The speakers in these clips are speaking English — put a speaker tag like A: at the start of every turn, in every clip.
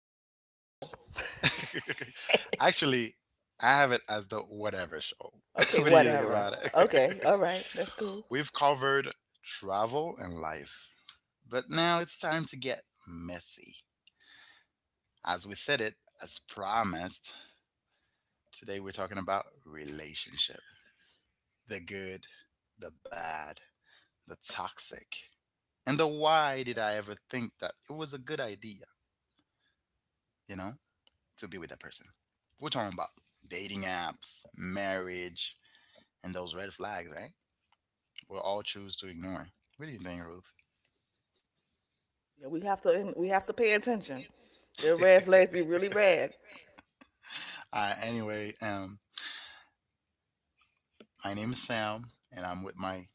A: No name
B: No,
A: show.
B: it's. Actually, I have it as the whatever show.
A: Okay,
B: What do you think
A: whatever.
B: about it?
A: Okay, all right, that's cool.
B: We've covered travel and life, but now it's time to get messy. As we said it, as promised, today we're talking about relationship, the good, the bad, the toxic, and the why did I ever think that it was a good idea, you know? to be with that person. We're talking about dating apps, marriage, and those red flags, right? We'll all choose to ignore. What do you think, Ruth?
A: Yeah, we have to pay attention. Your red flags be really red.
B: Anyway, my name is Sam, and I'm with my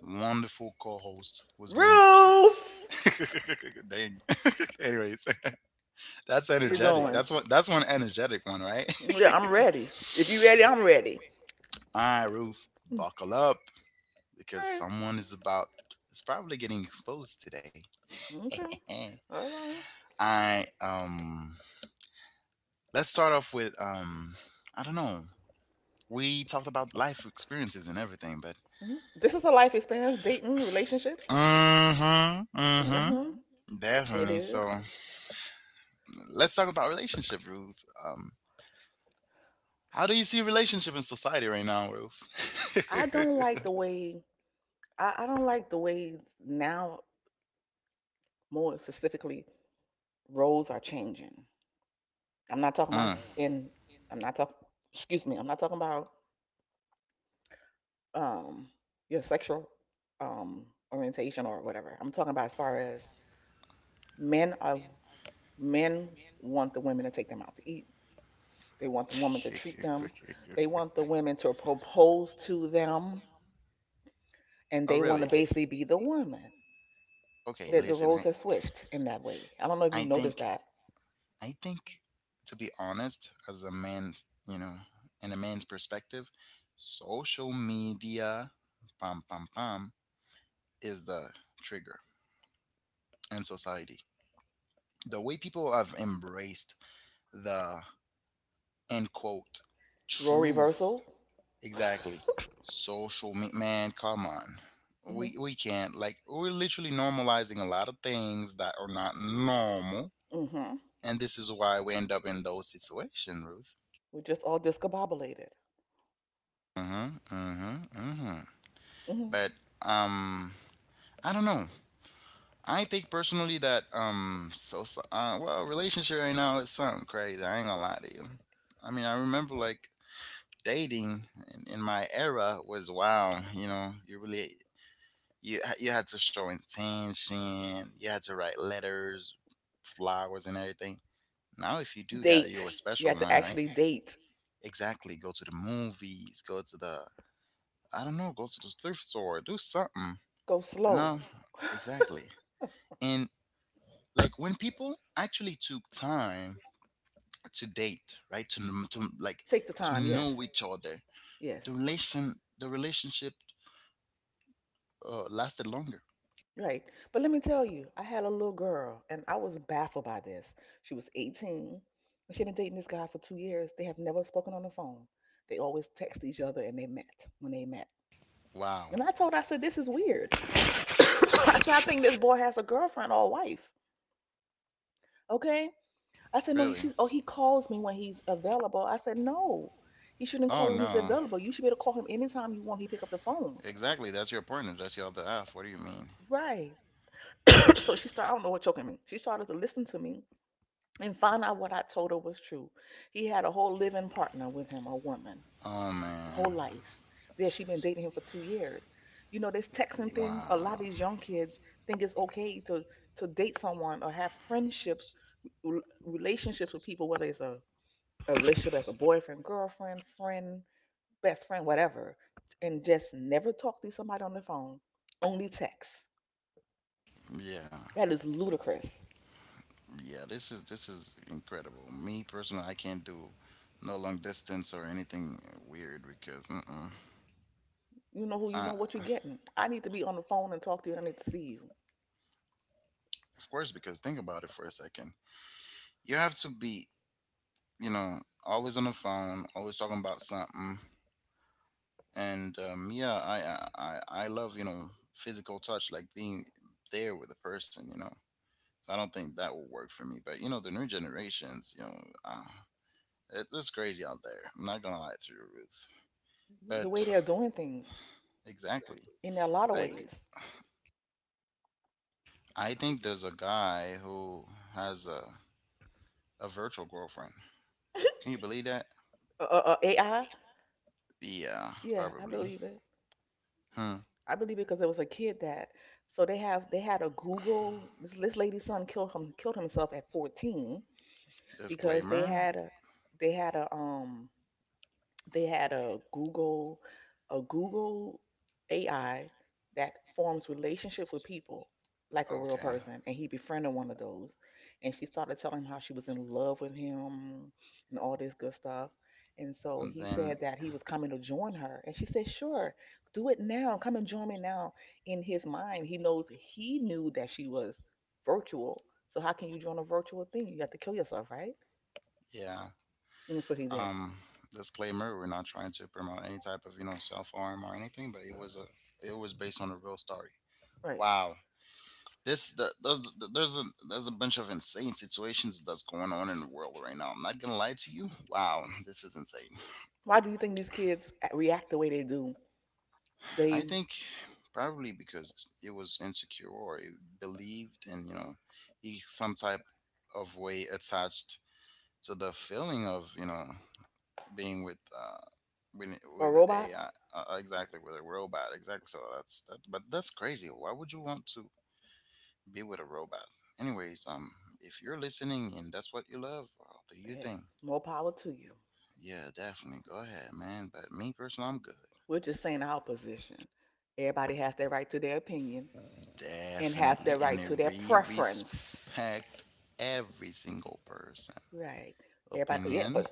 B: wonderful co-host, who's been
A: Roof,
B: dang. Anyways, that's
A: how you
B: energetic.
A: doing?
B: That's what. That's one energetic one, right?
A: Yeah, I'm ready. If you ready, I'm ready.
B: All right, Ruth, buckle up because
A: Nice.
B: someone is about is probably getting exposed today.
A: Okay. All right.
B: I, let's start off with I don't know. We talked about life experiences and everything, but
A: Mhm. This is a life experience, dating, relationships.
B: mhm, mhm,
A: Mm-hmm. It
B: definitely.
A: is.
B: So let's talk about relationship, Ruth. Um how do you see relationship in society right now, Ruth?
A: I don't like the way I don't like the way now, more specifically, roles are changing. I'm not talking about
B: Mm.
A: in. I'm not talking. Excuse me. I'm not talking about um your sexual um orientation or whatever. I'm talking about as far as men are. Men want the women to take them out to eat. They want the woman to treat them. They want the women to propose to them, and
B: Oh
A: they want
B: really?
A: to basically be the woman.
B: Okay,
A: That the
B: listen,
A: roles have switched in that way. I don't know if you
B: I
A: noticed
B: think,
A: that
B: I think, to be honest, as a man, you know, in a man's perspective, social media, pam pam pam, is the trigger in society. The way people have embraced the end quote
A: role
B: truth,
A: reversal.
B: exactly. Social me- man, come on.
A: hmm
B: We can't like we're literally normalizing a lot of things that are not normal,
A: hmm
B: and this is why we end up in those situations.
A: We're just all discombobulated.
B: Uh-huh, uh-huh, uh-huh.
A: Mhm.
B: But um I don't know. I think personally that relationship right now is something crazy. I ain't gonna lie to you. I mean I remember like dating in my era was wow, you know, you really you had to show intention, you had to write letters, flowers and everything. Now if you do that you're
A: Date.
B: a
A: You
B: special
A: have to
B: one, right?
A: actually date.
B: Exactly. Go to the movies, go to the I don't know, go to the thrift store, do something.
A: Go
B: But no,
A: slow.
B: exactly. And like when people actually took time to date, right? To
A: Take the
B: to
A: time. Yes.
B: know each other,
A: Yes.
B: the relationship lasted longer.
A: Right. But let me tell you, I had a little girl and I was baffled by this. She was 18 and she'd been dating this guy for 2 years. They have never spoken on the phone. They always text each other and they met when they met.
B: Wow,
A: And I told her, I said, this is weird. I said, I think this boy has a girlfriend or a wife. Okay. I said, no, he
B: really?
A: should, oh, he calls me when he's available. I said, no, he shouldn't
B: Oh
A: call you when he's
B: no,
A: available. You should be able to call him anytime you want. He pick up the phone.
B: exactly. That's your partner. That's your other half. What do you mean?
A: Right. So she started, I don't know what, choking me. She started to listen to me and find out what I told her was true. He had a whole living partner with him, a woman,
B: Oh
A: a
B: man,
A: whole life. There, she been dating him for 2 years. You know, this texting thing, a lot of
B: wow.
A: these young kids think it's okay to date someone or have friendships, relationships with people, whether it's a relationship as a boyfriend, girlfriend, friend, best friend, whatever, and just never talk to somebody on the phone, only text.
B: Yeah,
A: That is ludicrous.
B: yeah. This is incredible. Me personally, I can't do no long distance or anything weird because. Mm-mm.
A: You know who, you
B: Uh,
A: know what you're getting. I need to be on the phone and talk to you, and I need to see you.
B: of course, because think about it for a second. You have to be, you know, always on the phone, always talking about something. And yeah, I love physical touch, like being there with a person. You know, so I don't think that will work for me. But you know, the new generations, you know, it's crazy out there. I'm not gonna lie to you, Ruth. But
A: The way they're doing things,
B: exactly,
A: exactly, in a lot of
B: like
A: ways.
B: I think there's a guy who has a virtual girlfriend. Can you believe that?
A: AI,
B: Yeah,
A: yeah, I
B: probably.
A: believe it.
B: Hmm.
A: I believe it because there was a kid that. So they have they had a Google. This lady's son killed himself at 14 because they
B: Disclaimer.
A: had a they had a they had a Google AI that forms relationships with people like a real
B: Okay.
A: person, and he befriended one of those, and she started telling him how she was in love with him and all this good stuff, and so
B: And
A: he
B: then,
A: said that he was coming to join her, and she said, sure, do it now, come and join me now. In his mind, he knew that she was virtual, so how can you join a virtual thing? You have to kill yourself, right?
B: yeah,
A: And that's what he did.
B: um, disclaimer: we're not trying to promote any type of you know self harm or anything, but it was a it was based on a real story.
A: Right.
B: Wow, there's a bunch of insane situations that's going on in the world right now. I'm not gonna lie to you. Wow, this is insane.
A: Why do you think these kids react the way they do?
B: I
A: They
B: think probably because it was insecure or it believed in you know he some type of way attached, so the feeling of you know being with,
A: are
B: with
A: a robot?
B: AI, exactly, with a robot, exactly, so that's that, but that's crazy, why would you want to be with a robot? Anyways, if you're listening and that's what you love, well, do your
A: Yeah,
B: thing.
A: more power to you.
B: Yeah, definitely, go ahead man, but me personally I'm good.
A: We're just saying our position. Everybody has their right to their opinion and have
B: Definitely,
A: their
B: and
A: right
B: I
A: to their
B: re
A: preference.
B: respect every single person
A: Right. Everybody, yeah,
B: opinion,
A: but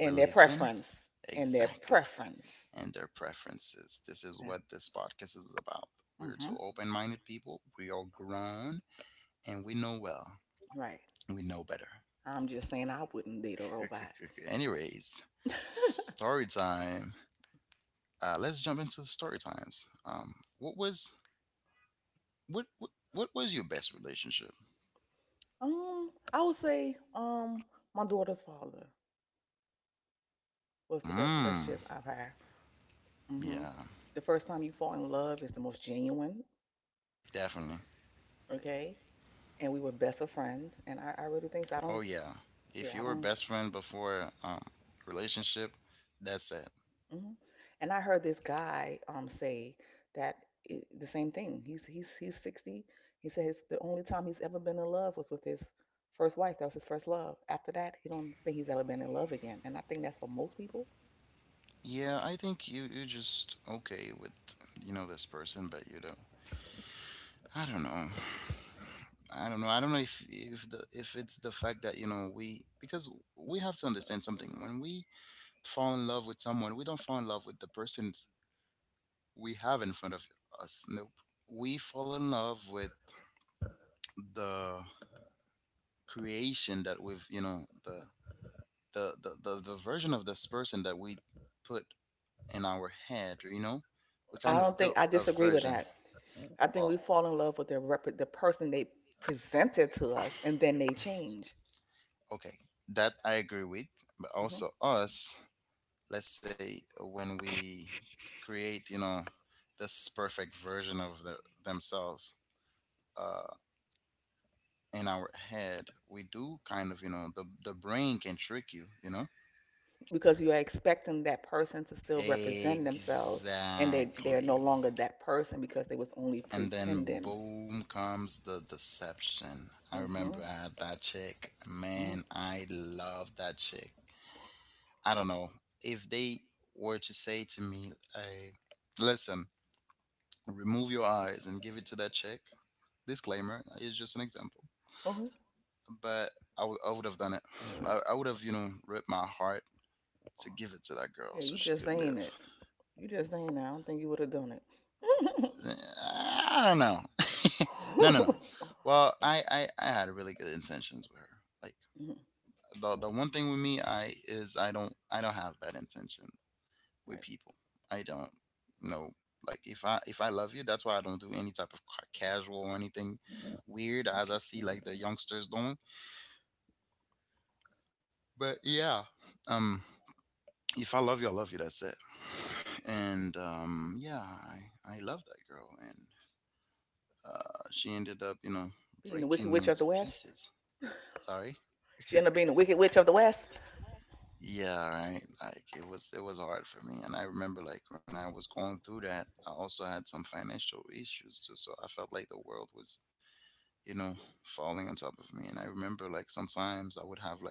A: and their preference and their
B: exactly,
A: preference.
B: and their preferences. This is
A: Yeah.
B: what this podcast is about. We're two
A: Mm-hmm.
B: open minded people, we are grown, and we know well,
A: Right.
B: we know better.
A: I'm just saying I wouldn't date a robot.
B: Anyways, story time. Let's jump into the story times. What was what was your best relationship?
A: I would say my daughter's father was the best
B: Mm,
A: relationship I've had. Hmm.
B: yeah,
A: The first time you fall in love is the most genuine,
B: definitely.
A: okay? And we were best of friends. And I really think so. I
B: Oh
A: don't,
B: yeah. If
A: yeah,
B: you
A: I
B: were
A: don't.
B: best friend before relationship, that's it.
A: Hmm. And I heard this guy say that I the same thing. He's 60. He says the only time he's ever been in love was with his first wife. That was his first love. After that, he don't think he's ever been in love again. And I think that's for most people.
B: Yeah, I think you you just okay with you know this person, but you don't. I don't know. I don't know if the if it's the fact that you know we, because we have to understand something. When we fall in love with someone, we don't fall in love with the person we have in front of us. Nope. We fall in love with the creation that we've, you know, the the the version of this person that we put in our head. You know, we kind
A: I
B: of
A: don't think,
B: built
A: I
B: a
A: disagree with
B: version.
A: that. I think we
B: Well,
A: fall in love with the person they presented to us, and then they change.
B: okay, that I agree with, but
A: Mm-hmm.
B: also us, let's say when we create, you know, this perfect version of themselves, uh, in our head, we do kind of, you know, the brain can trick you, you know.
A: Because you are expecting that person to still represent themselves, and they're no
B: Exactly.
A: longer that person because they was only
B: And then
A: pretending.
B: boom comes the deception. I
A: Mm-hmm,
B: remember I had that chick.
A: mm-hmm.
B: Man, I love that chick. I don't know, if they were to say to me, hey, listen, remove your eyes and give it to that chick, disclaimer is just an example.
A: Uh-huh.
B: But I would have done it. I would have, you know, ripped my heart to give it to that girl
A: Yeah, you
B: so she
A: just
B: could
A: saying it,
B: live.
A: you just saying that. I don't think you would have done it.
B: I don't know. No, no, no. Well, I had really good intentions with her. Like
A: Mhm,
B: the one thing with me, I don't have bad intentions with
A: right.
B: people. I don't know. Like if I love you, that's why I don't do any type of ca- casual or anything weird as I see like the youngsters doing. But yeah, um, if I love you, I love you. That's it. And yeah, I love that girl, and she ended up you know
A: Being the
B: breaking
A: wicked
B: me
A: witch
B: into
A: of the west.
B: pieces. Sorry.
A: She ended up being the wicked witch of the west.
B: Yeah, right. Like it was hard for me. And I remember like when I was going through that, I also had some financial issues too. So I felt like the world was, you know, falling on top of me. And I remember like sometimes I would have like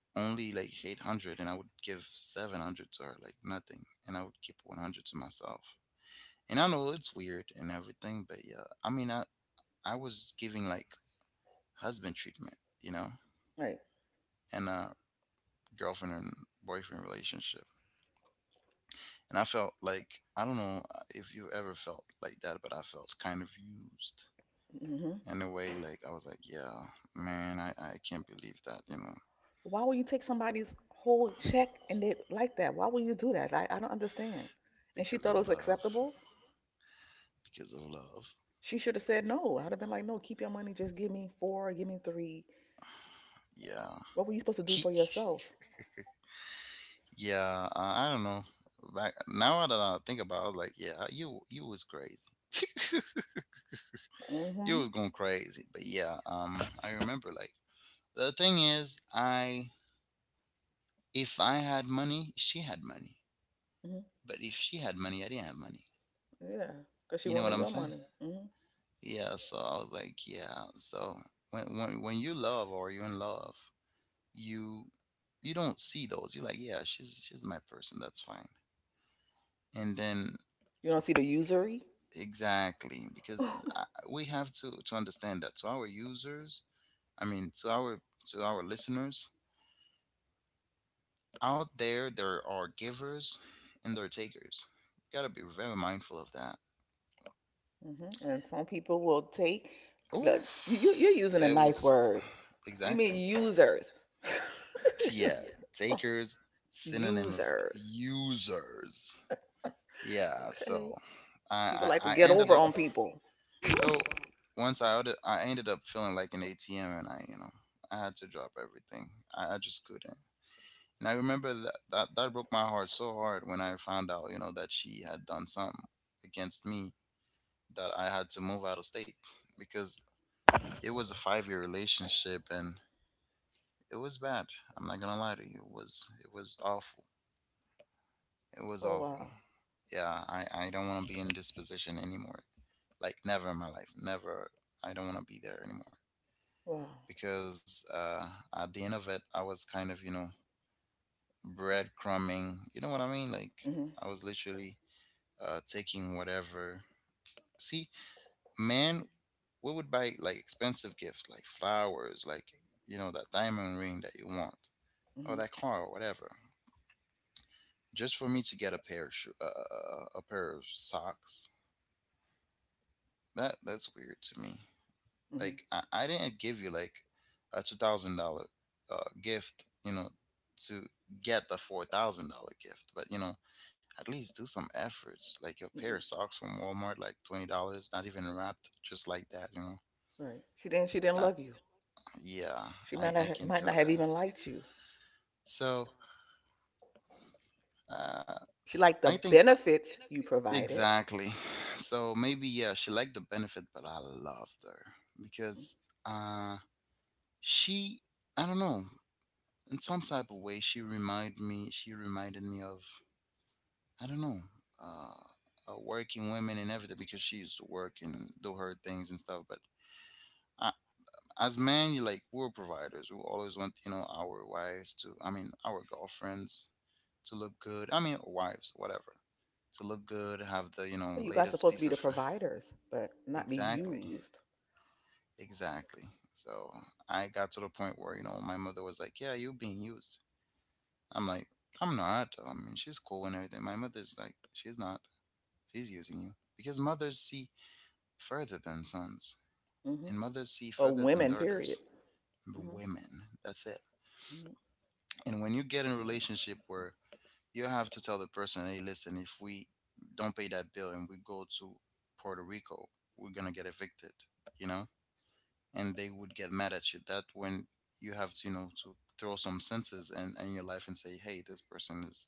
B: only like 800 and I would give 700 to her, like nothing. And I would keep 100 to myself. And I know it's weird and everything, but yeah, I mean, I was giving like husband treatment, you know,
A: Right.
B: and a girlfriend and boyfriend relationship. And I felt like, I don't know, if you ever felt like that, but I felt kind of used
A: Hmm.
B: in a way. Like, I was like, yeah, man, I can't believe that, you know.
A: Why would you take somebody's whole check and they like that? Why would you do that? I don't understand. And she
B: Because
A: thought
B: of
A: it was
B: love.
A: acceptable.
B: Because of love.
A: She should have said no. I'd have been like, no, keep your money. Just give me four, give me three.
B: Yeah.
A: What were you supposed to do
B: Ki-
A: for yourself?
B: Yeah. I don't know. Back now that I think about it, I was like, yeah, you was crazy. You
A: Mm-hmm.
B: was going crazy. But yeah. I remember like the thing is, I if I had money, she had money.
A: Hmm.
B: But if she had money, I didn't have money.
A: Yeah, because she
B: You know what
A: wanted
B: I'm
A: your
B: saying?
A: money. Hmm.
B: Yeah. So I was like, yeah. So when you love or you're in love, you you don't see those. You're like, yeah, she's my person. That's fine. And then
A: You don't see the usury?
B: exactly, because
A: Hmm.
B: we have to understand that to our users, I mean to our listeners out there, there are givers and there are takers. You Gotta be very mindful of that.
A: And some people will take, look, you're
B: Oof,
A: using a
B: they would
A: nice
B: s-
A: word. You mean
B: exactly.
A: users.
B: Yeah, takers synonym of
A: Users.
B: users. Yeah,
A: Okay.
B: so
A: People like to
B: I
A: get
B: ended
A: over
B: up.
A: on people.
B: So once I outed, I ended up feeling like an ATM, and I, you know, I had to drop everything. I just couldn't. And I remember that, that broke my heart so hard when I found out, you know, that she had done something against me, that I had to move out of state because it was a 5 year relationship and it was bad. I'm not gonna lie to you. It was awful. It was
A: Oh,
B: awful.
A: wow.
B: Yeah, I don't want to be in this position anymore. Like never in my life. Never. I don't want to be there anymore.
A: Wow.
B: Because at the end of it, I was kind of, you know, breadcrumbing. You know what I mean? Like,
A: Hmm,
B: I was literally taking whatever. See, man, we would buy like expensive gifts, like flowers, like, you know, that diamond ring that you want, or
A: hmm,
B: that car, or whatever, just for me to get a pair of a pair of socks. That that's weird to me.
A: hmm.
B: Like I didn't give you like a $2,000 gift, you know, to get the $4,000 gift. But you know, at least do some efforts. Like your pair of socks from Walmart, like $20, not even wrapped, just like that.
A: Right. She
B: uh,
A: didn't love you.
B: yeah,
A: She
B: I I can
A: might
B: tell
A: not
B: that.
A: have even liked you.
B: So uh,
A: She
B: I
A: liked the
B: think
A: benefits you provided.
B: Exactly. So maybe yeah, she liked the benefit, but I loved her because uh, she, I don't know, in some type of way she reminded me of, I don't know, working women and everything, because she used to work and do her things and stuff. But uh, as men, you, like, we're providers. We always want, you know, our wives, to I mean our girlfriends, to look good, I mean wives, whatever, to look good, have the, you know,
A: You guys
B: latest
A: supposed
B: piece
A: to
B: of.
A: be the providers, but not be
B: Exactly,
A: used.
B: exactly. So I got to the point where, you know, my mother was like, yeah, you're being used. I'm like, I'm not. I mean, she's cool and everything. My mother's like, she's not. She's using you. Because mothers see further than sons,
A: Hmm.
B: and mothers see
A: Or
B: further than
A: women,
B: daughters.
A: period. Hmm,
B: Women, that's it.
A: hmm.
B: And when you get in a relationship where you have to tell the person, hey, listen, if we don't pay that bill and we go to Puerto Rico, we're going to get evicted, you know? And they would get mad at you. That when you have to, you know, to throw some senses in your life and say, hey, this person is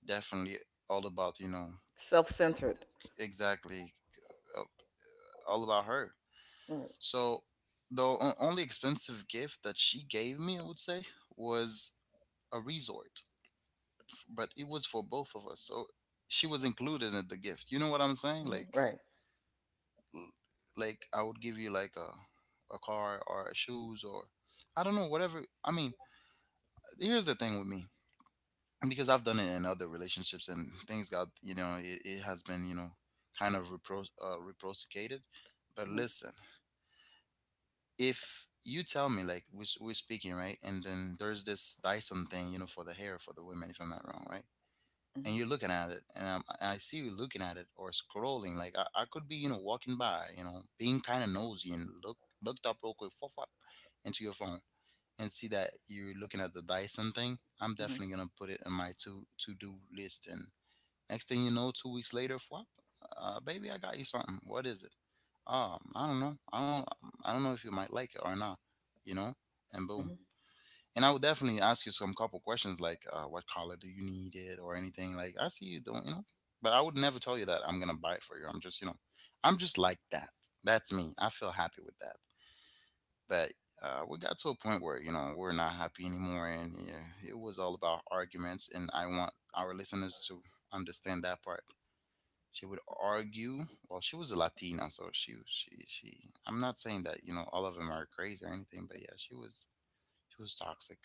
B: definitely all about, you know.
A: Self-centered.
B: Exactly. uh, all about her.
A: Right.
B: So the only expensive gift that she gave me, I would say, was a resort, but it was for both of us, so she was included in the gift. You know what I'm saying?
A: Hmm.
B: Like,
A: Right.
B: l- like I would give you like a car or shoes or, I don't know, whatever. I mean, here's the thing with me, because I've done it in other relationships and things got, you know, it has been, you know, kind of reciprocated. But
A: Hmm,
B: listen, if you tell me, like, we're speaking right, and then there's this Dyson thing, you know, for the hair for the women, if I'm not wrong, right?
A: hmm,
B: And you're looking at it, and I see you looking at it or scrolling. Like I could be, you know, walking by, you know, being kind of nosy and looked up real quick, fwop, fwop, into your phone and see that you're looking at the Dyson thing. I'm
A: hmm,
B: definitely gonna put it in my to do list. And next thing you know, 2 weeks later, flop, baby, I got you something. What is it? I don't know. I don't know. I don't know if you might like it or not. You know, and boom.
A: hmm.
B: And I would definitely ask you some couple questions like, what color do you need it, or anything? Like, I see you don't, you know. But I would never tell you that I'm gonna buy it for you. I'm just, you know, I'm just like that. That's me. I feel happy with that. But we got to a point where, you know, we're not happy anymore, and yeah, it was all about arguments. And I want our listeners to understand that part. She would argue. Well, she was a Latina, so she. I'm not saying that, you know, all of them are crazy or anything, but yeah, she was toxic.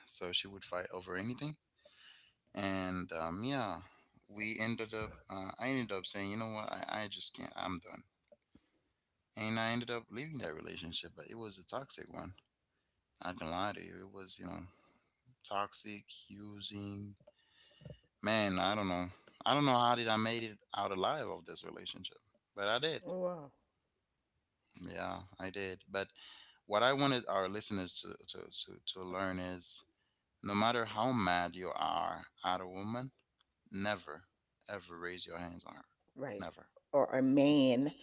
B: So she would fight over anything, and yeah, we ended up. I ended up saying, you know what, I just can't. I'm done, and I ended up leaving that relationship. But it was a toxic one. I can lie to you. It was, you know, toxic, using. Man, I don't know. I don't know how did I made it out alive of this relationship, but I did.
A: Oh, wow.
B: Yeah, I did. But what I wanted our listeners to, learn is, no matter how mad you are at a woman, never, ever raise your hands on her.
A: Right.
B: Never.
A: Or a man,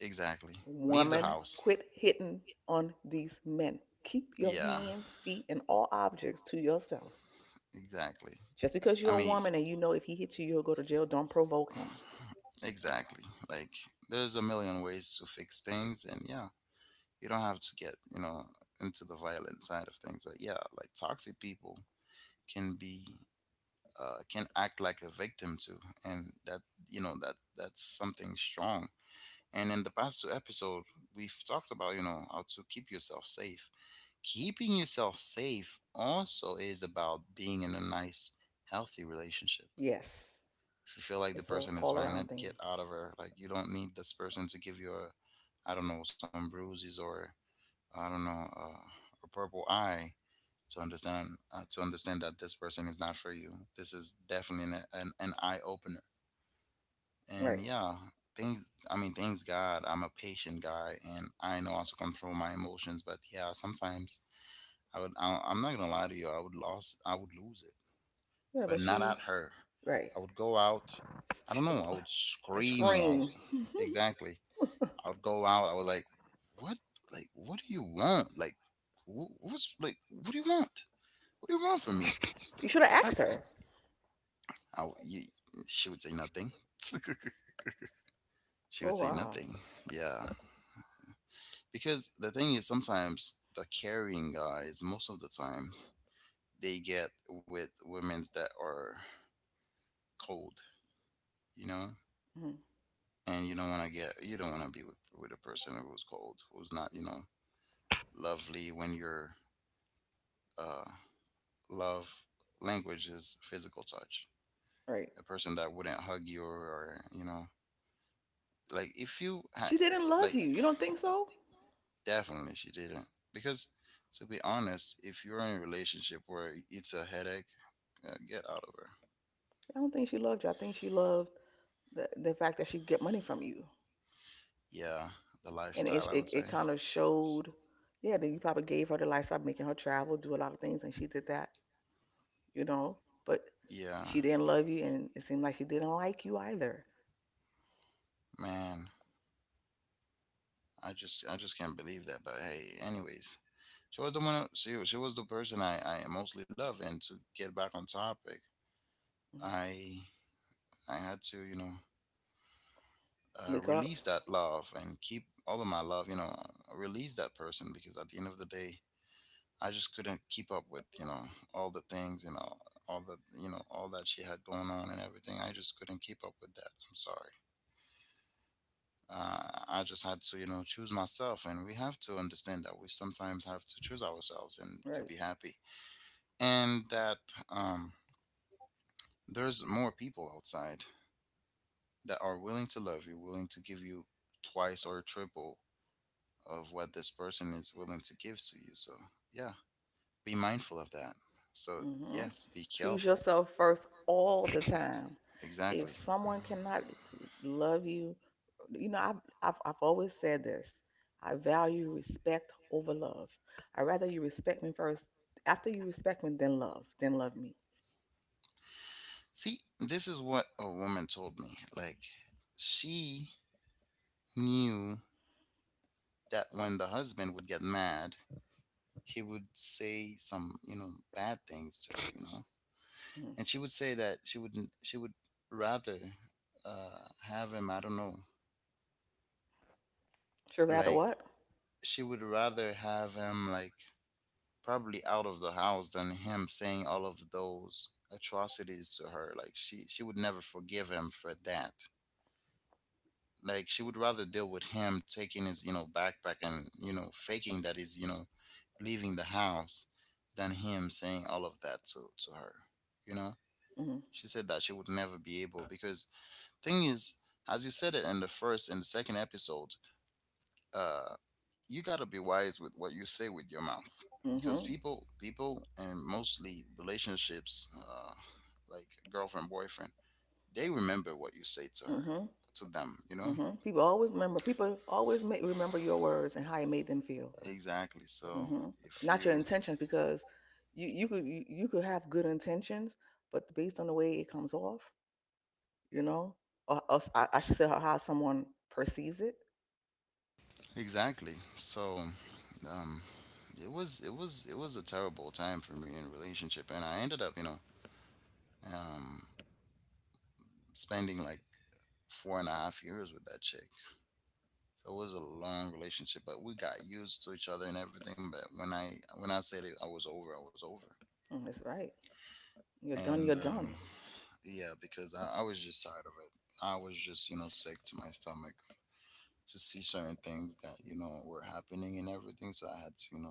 B: Exactly. Leave the
A: woman,
B: house.
A: quit hitting on these men. Keep your
B: Yeah,
A: hands, feet, and all objects to yourself.
B: exactly.
A: Just because
B: I
A: you're a
B: mean,
A: woman and you know if he hits you, you'll go to jail, don't provoke him.
B: exactly. Like, there's a million ways to fix things, and yeah, you don't have to get, you know, into the violent side of things. But yeah, like, toxic people can be, can act like a victim to and that, you know, that's something strong. And in the past two episodes, we've talked about, you know, how to keep yourself safe. Keeping yourself safe also is about being in a nice, healthy relationship.
A: Yes.
B: If you feel like the
A: It's a
B: person is
A: all around
B: violent,
A: thing.
B: get out of her. Like, you don't need this person to give you a, I don't know, some bruises or, I don't know, a purple eye to understand, to understand that this person is not for you. This is definitely an an eye opener. And
A: Right.
B: yeah, things. I mean, thanks God, I'm a patient guy, and I know how to control my emotions. But yeah, sometimes I would. I'm not gonna lie to you. I would lose. I would lose it,
A: Yeah,
B: but
A: but
B: not
A: she
B: at her.
A: right.
B: I would go out. I don't know. I would
A: And
B: scream, or I
A: scream.
B: would, exactly. I would go out. I was what, like, what do you want? Like, what's, like, what do you want? What do you want from me?
A: You should have asked
B: Like,
A: her.
B: you, she would say nothing. She
A: Oh
B: would say
A: wow.
B: nothing. Yeah, because the thing is, sometimes the caring guys, most of the time, they get with women that are cold. You know,
A: Mhm.
B: and you don't want to get, you don't want to be with a person who's cold, who's not, you know, lovely when you're. Uh, Love language is physical touch.
A: Right.
B: A person that wouldn't hug you, or, you know, like if you
A: She didn't
B: like,
A: love you. You don't think so?
B: definitely she didn't, because to be honest, if you're in a relationship where it's a headache, get out of her.
A: I don't think she loved you. I think she loved the fact that she could get money from you,
B: Yeah, the
A: and
B: lifestyle, I would say.
A: it kind of showed. Yeah, that you probably gave her the lifestyle, making her travel, do a lot of things, and she did that. You know, but
B: Yeah,
A: she didn't love you, and it seemed like she didn't like you either.
B: man, I just can't believe that. But hey, anyways, she was the one. She was the person I mostly love. And to get back on topic,
A: Mhm.
B: I I had to, you know,
A: Wake up.
B: release that love and keep all of my love, you know, release that person, because at the end of the day, I just couldn't keep up with, you know, all the things, you know, all the, you know, all that she had going on and everything. I just couldn't keep up with that. I'm sorry. Uh, I just had to, you know, choose myself. And we have to understand that we sometimes have to choose ourselves and to
A: Right.
B: be happy. And that, um, there's more people outside that are willing to love you, willing to give you twice or triple of what this person is willing to give to you. So, yeah, be mindful of that. So,
A: Hmm.
B: yes, be
A: Choose
B: careful.
A: yourself first all the time. If
B: Exactly.
A: someone cannot love you, you know, I've always said this, I value respect over love. I rather you respect me first. After you respect me, then love me.
B: See, this is what a woman told me. Like, she knew that when the husband would get mad, he would say some, you know, bad things to her, you know?
A: Mm.
B: And she would say that she would not she would rather uh have him, I don't know,
A: Sure, rather
B: like,
A: what?
B: she would rather have him like probably out of the house than him saying all of those atrocities to her. Like she would never forgive him for that. Like, she would rather deal with him taking his, you know, backpack and, you know, faking that he's, you know, leaving the house than him saying all of that to her. You know?
A: Mm.
B: She said that she would never be able, because, thing is, as you said it in the first and the second episode, uh, you got to be wise with what you say with your mouth, because
A: Hmm,
B: people, and mostly relationships, like girlfriend, boyfriend, they remember what you say to her,
A: hmm,
B: to them, you know.
A: hmm. People always remember, people always make, remember your words and how it made them feel.
B: Exactly. So
A: Hmm.
B: if
A: Not your
B: you
A: intentions, because you could have good intentions, but based on the way it comes off, you know, I should say how someone perceives it.
B: exactly, so, um, it was a terrible time for me in relationship, and I ended up, you know, um, spending like four and a half years with that chick. So it was a long relationship, but we got used to each other and everything. But when I, when I said it, I was over, I was over.
A: Mm, it's right. You're
B: And
A: done. You're done.
B: yeah, because I was just tired of it. I was just, you know, sick to my stomach to see certain things that, you know, were happening and everything. So I had to, you know,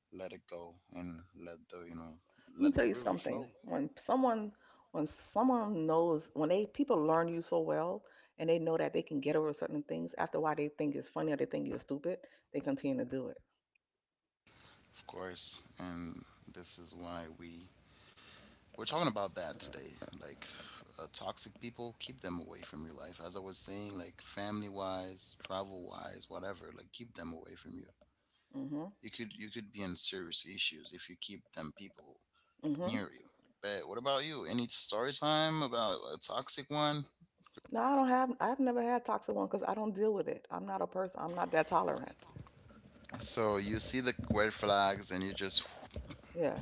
B: let it go, and let the, you know, let
A: Let
B: the
A: me tell you
B: river flow,
A: something. When someone knows when they people learn you so well and they know that they can get over certain things, after why they think it's funny or they think you're stupid, they continue to do it.
B: of course. And this is why we, we're talking about that today. Like, toxic people, keep them away from your life. As I was saying, like family wise, travel wise, whatever, like keep them away from you.
A: Hmm,
B: You could be in serious issues if you keep them people
A: hmm.
B: near you. But what about you? Any story time about a toxic one?
A: No, I don't have. I've never had toxic one because I don't deal with it. I'm not a person. I'm not that tolerant.
B: So you see the red flags and you just
A: Yeah,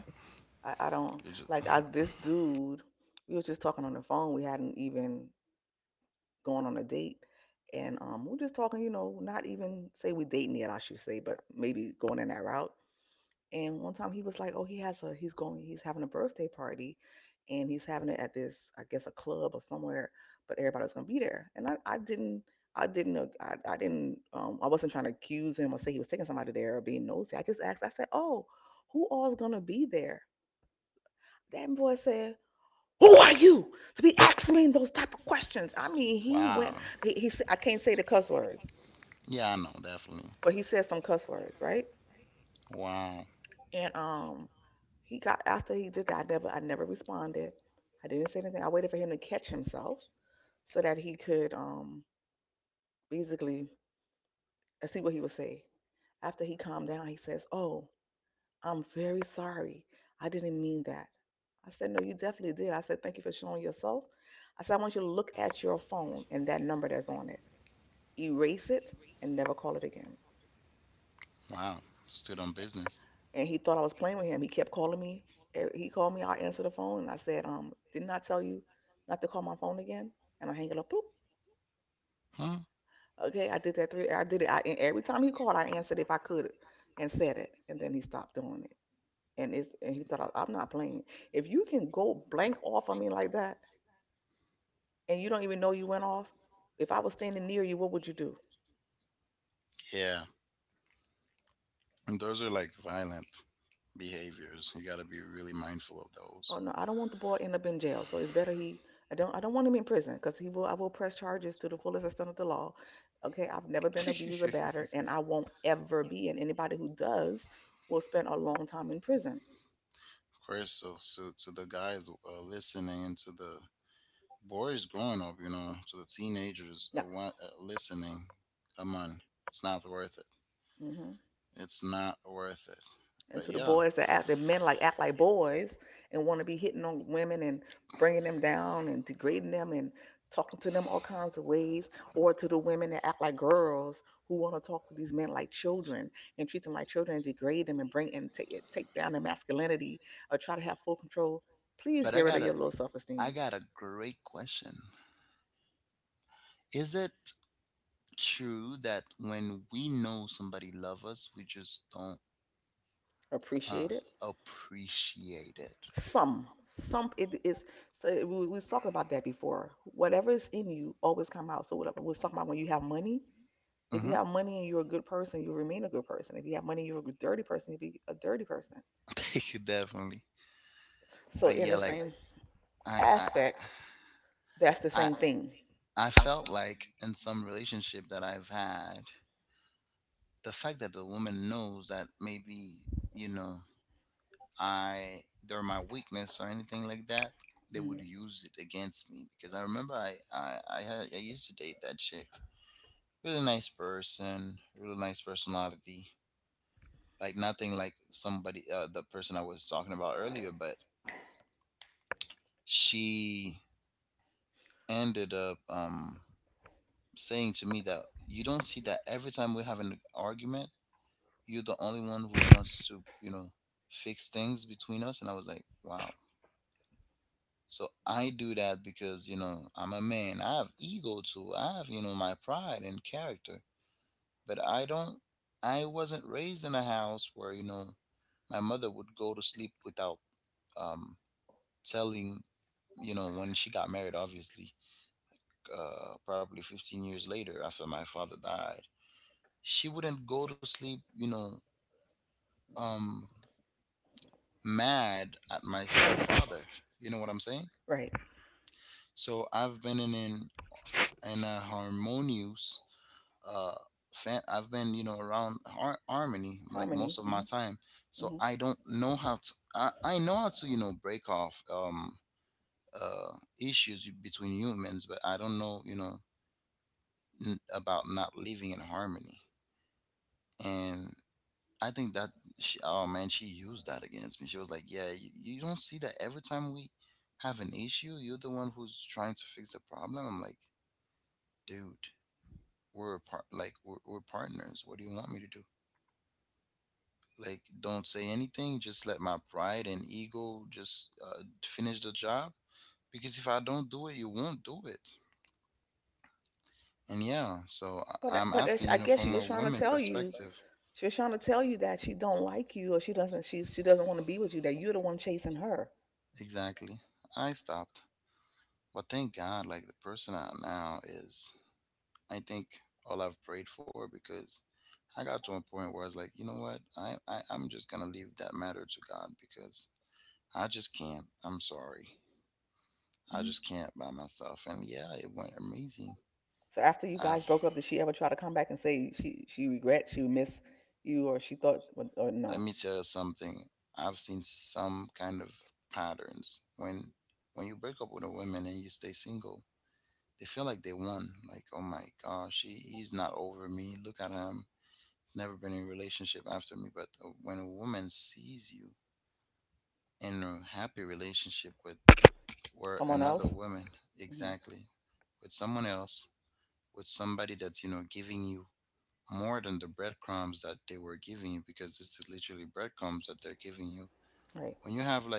A: I
B: you
A: don't
B: just
A: like I this dude. We were just talking on the phone. We hadn't even gone on a date, and we're just talking. You know, not even say we dating yet, I should say, but maybe going in that route. And one time he was like, "Oh, he has a he's going he's having a birthday party, and he's having it at this I guess a club or somewhere, but everybody's gonna be there." And I didn't. I didn't know. I didn't. I wasn't trying to accuse him or say he was taking somebody there or being nosy. I just asked. I said, "Oh, who all's gonna be there?" That boy said, "Who are you to be asking me those type of questions?" I mean, he
B: wow.
A: went. He said, I can't say the cuss words,
B: Yeah, I know definitely.
A: but he said some cuss words, right?
B: Wow,
A: And he got, after he did that, I never responded. I didn't say anything. I waited for him to catch himself so that he could basically see what he would say. After he calmed down, he says, "Oh, I'm very sorry. I didn't mean that." I said, no, you definitely did. I said, thank you for showing yourself. I said, I want you to look at your phone and that number that's on it, erase it, and never call it again.
B: wow. Stood on business.
A: And he thought I was playing with him. He kept calling me. He called me. I answered the phone and I said, "Didn't I tell you not to call my phone again?" And I hang it up. Boop.
B: Huh?
A: Okay, I did that three. I did it. And every time he called, I answered if I could and said it. And then he stopped doing it. And he thought I'm not playing. If you can go blank off on me like that, and you don't even know you went off, if I was standing near you, what would you do?
B: Yeah, and those are like violent behaviors. You got to be really mindful of those.
A: Oh no, I don't want the boy to end up in jail. So it's better he I don't want him in prison because he will I will press charges to the fullest extent of the law. Okay, I've never
B: Of
A: been abused or battered, and I won't ever be. And anybody who does will spend a long time in prison.
B: course, so to the guys listening and to the boys growing up, you know, to the teenagers
A: Yeah.
B: listening, come on, it's not worth it.
A: Mm-hmm.
B: It's not worth it.
A: And
B: But
A: to the
B: yeah,
A: boys that act that men like act like boys and want to be hitting on women and bringing them down and degrading them and talking to them all kinds of ways, or to the women that act like girls who want to talk to these men like children and treat them like children and degrade them and bring and take down their masculinity or try to have full control, please
B: but
A: get rid of your low
B: I
A: self-esteem.
B: got a great question. Is it true that when we know somebody love us, we just don't uh,
A: Appreciate it.
B: appreciate it?
A: Some some it is. So we was talking about that before. Whatever is in you always come out. So whatever, we was talking about when you have money. If you
B: Hmm.
A: have money and you're a good person, you remain a good person. If you have money and you're a dirty person, you be a dirty person.
B: Definitely.
A: So
B: But
A: in
B: yeah,
A: the
B: like
A: same
B: I I
A: aspect, that's the
B: I
A: same thing.
B: I felt like in some relationship that I've had, the fact that the woman knows that maybe, you know, I they're my weakness or anything like that, they would
A: Mhm.
B: use it against me. Because I remember I used to date that chick. Really nice person, really nice personality. Like nothing like somebody the person I was talking about earlier, but she ended up saying to me that you don't see that every time we have an argument, you're the only one who wants to, you know, fix things between us. And I was like, wow. So I do that because, you know, I'm a man. I have ego too. I have, you know, my pride and character. But I don't, I wasn't raised in a house where, you know, my mother would go to sleep without um, telling, you know, when she got married, obviously, probably 15 years later after my father died she wouldn't go to sleep, you know, um, mad at my stepfather. You know what I'm saying?
A: Right.
B: So I've been in a harmonious, uh, I've been, you know, around harmony like most of
A: Harmony.
B: my
A: Mm-hmm.
B: time. So
A: Hmm.
B: I don't know how to, I know how to, you know, break off, uh, issues between humans, but I don't know, you know, about not living in harmony. And I think that she, oh man, she used that against me. She was like, "Yeah, you don't see that every time we have an issue, you're the one who's trying to fix the problem." I'm like, "Dude, we're a part like we're partners. What do you want me to do? Like, don't say anything. Just let my pride and ego just finish the job. Because if I don't do it, you won't do it." And yeah, so I'm
A: But
B: asking,
A: but
B: you
A: I
B: know,
A: guess
B: from
A: she
B: a
A: was trying to
B: woman
A: tell you,
B: perspective.
A: she was trying to tell you that she don't like you, or she doesn't want to be with you. That you're the one chasing her.
B: Exactly. I stopped. But thank God, like the person I am now is I think all I've prayed for because I got to a point where I was like, you know what? I'm just gonna leave that matter to God because I just can't. I'm sorry. I just
A: Hmm.
B: can't by myself. And yeah, it went amazing.
A: So after you
B: I've
A: guys broke up, did she ever try to come back and say she regrets, she miss you, or she thought, or
B: let me
A: no.
B: tell you something. I've seen some kind of patterns when you break up with a woman and you stay single, they feel like they won. Like, oh my gosh, he's not over me. Look at him. Never been in a relationship after me. But when a woman sees you in a happy relationship with where
A: Someone
B: another
A: else?
B: woman
A: Hmm.
B: exactly with someone else with somebody that's you know giving you more than the breadcrumbs that they were giving you because this is literally breadcrumbs that they're giving you
A: Right.
B: when you have like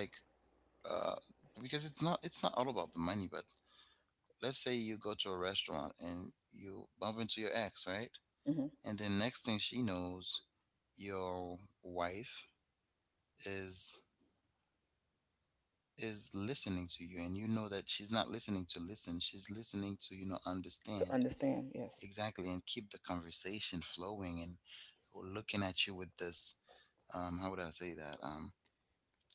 B: uh because it's not all about the money but let's say you go to a restaurant and you bump into your ex, right?
A: Hmm.
B: And then next thing she knows your wife is listening to you and you know that she's not listening to listen, she's listening to, you know, understand
A: To understand, yes.
B: exactly and keep the conversation flowing and looking at you with this how would I say that?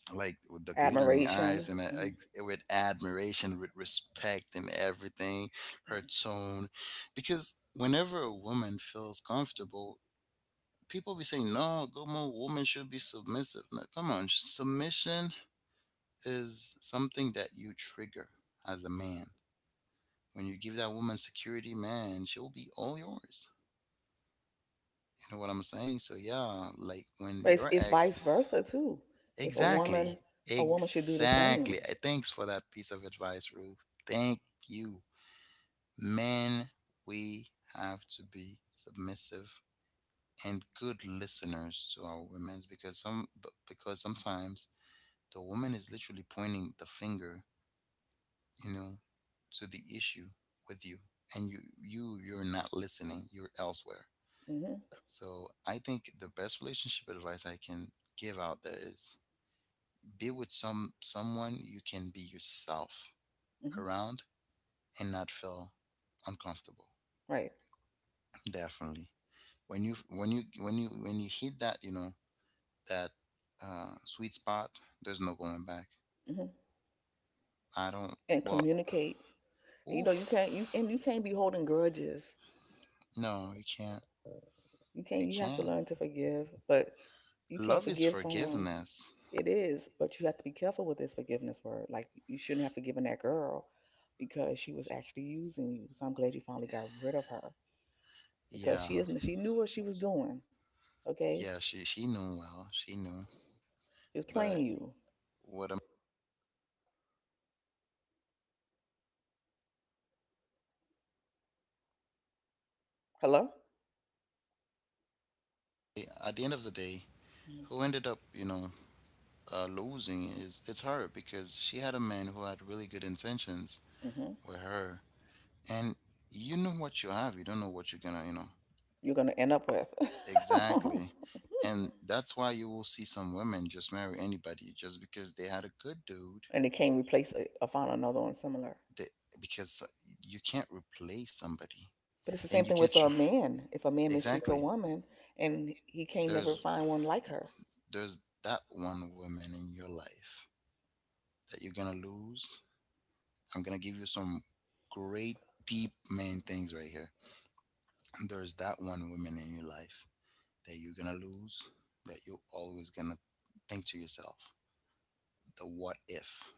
B: Like with the glittering eyes
A: Admiration.
B: and
A: Hmm.
B: with admiration, with respect and everything her tone because whenever a woman feels comfortable people be saying no go woman should be submissive. No, come on, submission is something that you trigger as a man. When you give that woman security, man, she'll be all yours. You know what I'm saying? So yeah, like when
A: But
B: your
A: it's
B: ex
A: vice versa too. If a
B: Exactly.
A: woman, A woman should do the
B: Exactly.
A: same.
B: Thanks for that piece of advice, Ruth. Thank you. Men, we have to be submissive and good listeners to our women because sometimes the woman is literally pointing the finger, you know, to the issue with you and you're not listening, you're elsewhere.
A: Hmm.
B: So I think the best relationship advice I can give out there is be with someone you can be yourself
A: Hmm.
B: around and not feel uncomfortable.
A: Right.
B: Definitely when you hit that, you know, that sweet spot there's no going back.
A: Hmm.
B: I don't
A: And
B: well
A: communicate. And you know, you can't you
B: oof
A: and you can't be holding grudges.
B: no you can't
A: You can't.
B: you
A: You have to
B: can't
A: learn to forgive, but you can't
B: love is
A: forgive someone.
B: forgiveness.
A: It is, but you have to be careful with this forgiveness word. Like you shouldn't have forgiven that girl because she was actually using you. So I'm glad you finally got rid of her because
B: Yeah,
A: she isn't. She knew what she was doing. Okay,
B: she knew well, she knew.
A: she's
B: But
A: playing you.
B: what am
A: Hello?
B: at the end of the day, who ended up, you know, losing is it's her because she had a man who had really good intentions
A: Mm-hmm.
B: with her, and you know what you have, you don't know what you're gonna, you know,
A: You're going to end up with.
B: exactly. And that's why you will see some women just marry anybody just because they had a good dude.
A: And they can't replace it or find another one similar.
B: They, because you can't replace somebody,
A: But it's the
B: and
A: same
B: you
A: thing
B: can't
A: with
B: tr-
A: a man. If a man mistreats a
B: exactly.
A: woman and he can't never
B: There's
A: find one like her.
B: that one woman in your life that you're gonna lose. I'm gonna give you some great deep main things right here. There's that one woman in your life that you're gonna lose, that you're always gonna think to yourself, the what if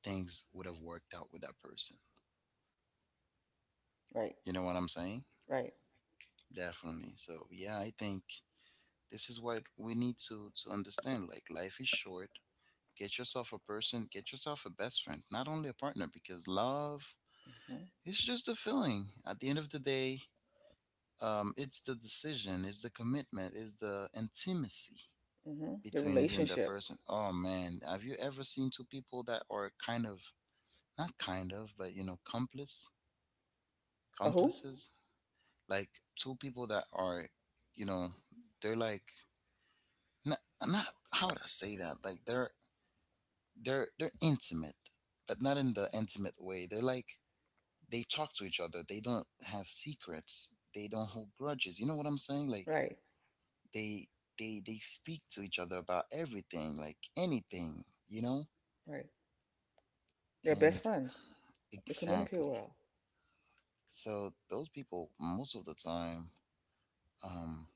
B: things would have worked out with that person.
A: Right,
B: You know what I'm saying?
A: right.
B: Definitely. So yeah, I think this is what we need to understand. Like life is short. Get yourself a person, get yourself a best friend, not only a partner, because love
A: Mm-hmm.
B: it's just a feeling. At the end of the day, it's the decision, it's the commitment, it's the intimacy
A: Mm-hmm. Their
B: between you and that
A: relationship.
B: person. Oh man, have you ever seen two people that are kind of not kind of, but you know, complice,
A: A who?
B: complices? Like two people that are, you know, they're like not, not how would I say that? Like they're intimate, but not in the intimate way. They're like they talk to each other. They don't have secrets. They don't hold grudges. You know what I'm saying? Like
A: Right,
B: they they speak to each other about everything, like anything, you know?
A: right. They're best
B: And
A: friends. They communicate
B: exactly.
A: well.
B: So those people most of the time um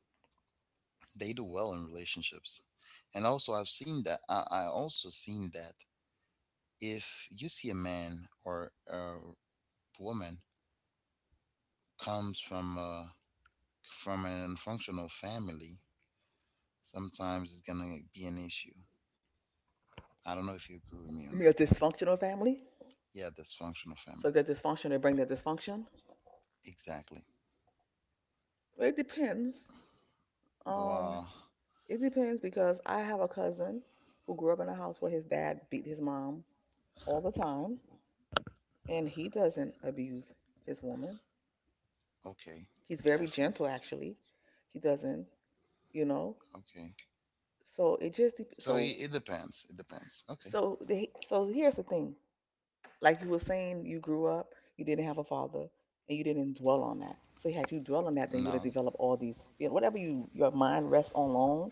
B: they do well in relationships. And also I've seen that I also seen that if you see a man or a woman comes from a from an unfunctional family, sometimes it's gonna be an issue. I don't know if you agree with me on
A: You
B: that
A: mean a
B: point.
A: dysfunctional family?
B: Yeah, dysfunctional
A: So
B: family.
A: that dysfunction, they bring that dysfunction?
B: Exactly.
A: Well, it depends. Um,
B: Wow.
A: It depends because I have a cousin who grew up in a house where his dad beat his mom all the time, and he doesn't abuse his woman.
B: Okay.
A: He's very
B: Definitely.
A: gentle, actually. He doesn't, you know.
B: Okay.
A: So it just dep-
B: So
A: so
B: it depends. It depends. Okay.
A: so the, so here's the thing. Like you were saying, you grew up, you didn't have a father, and you didn't dwell on that. So had you dwell on that, then you'd have
B: No.
A: developed all these, you know, whatever your mind rests on long,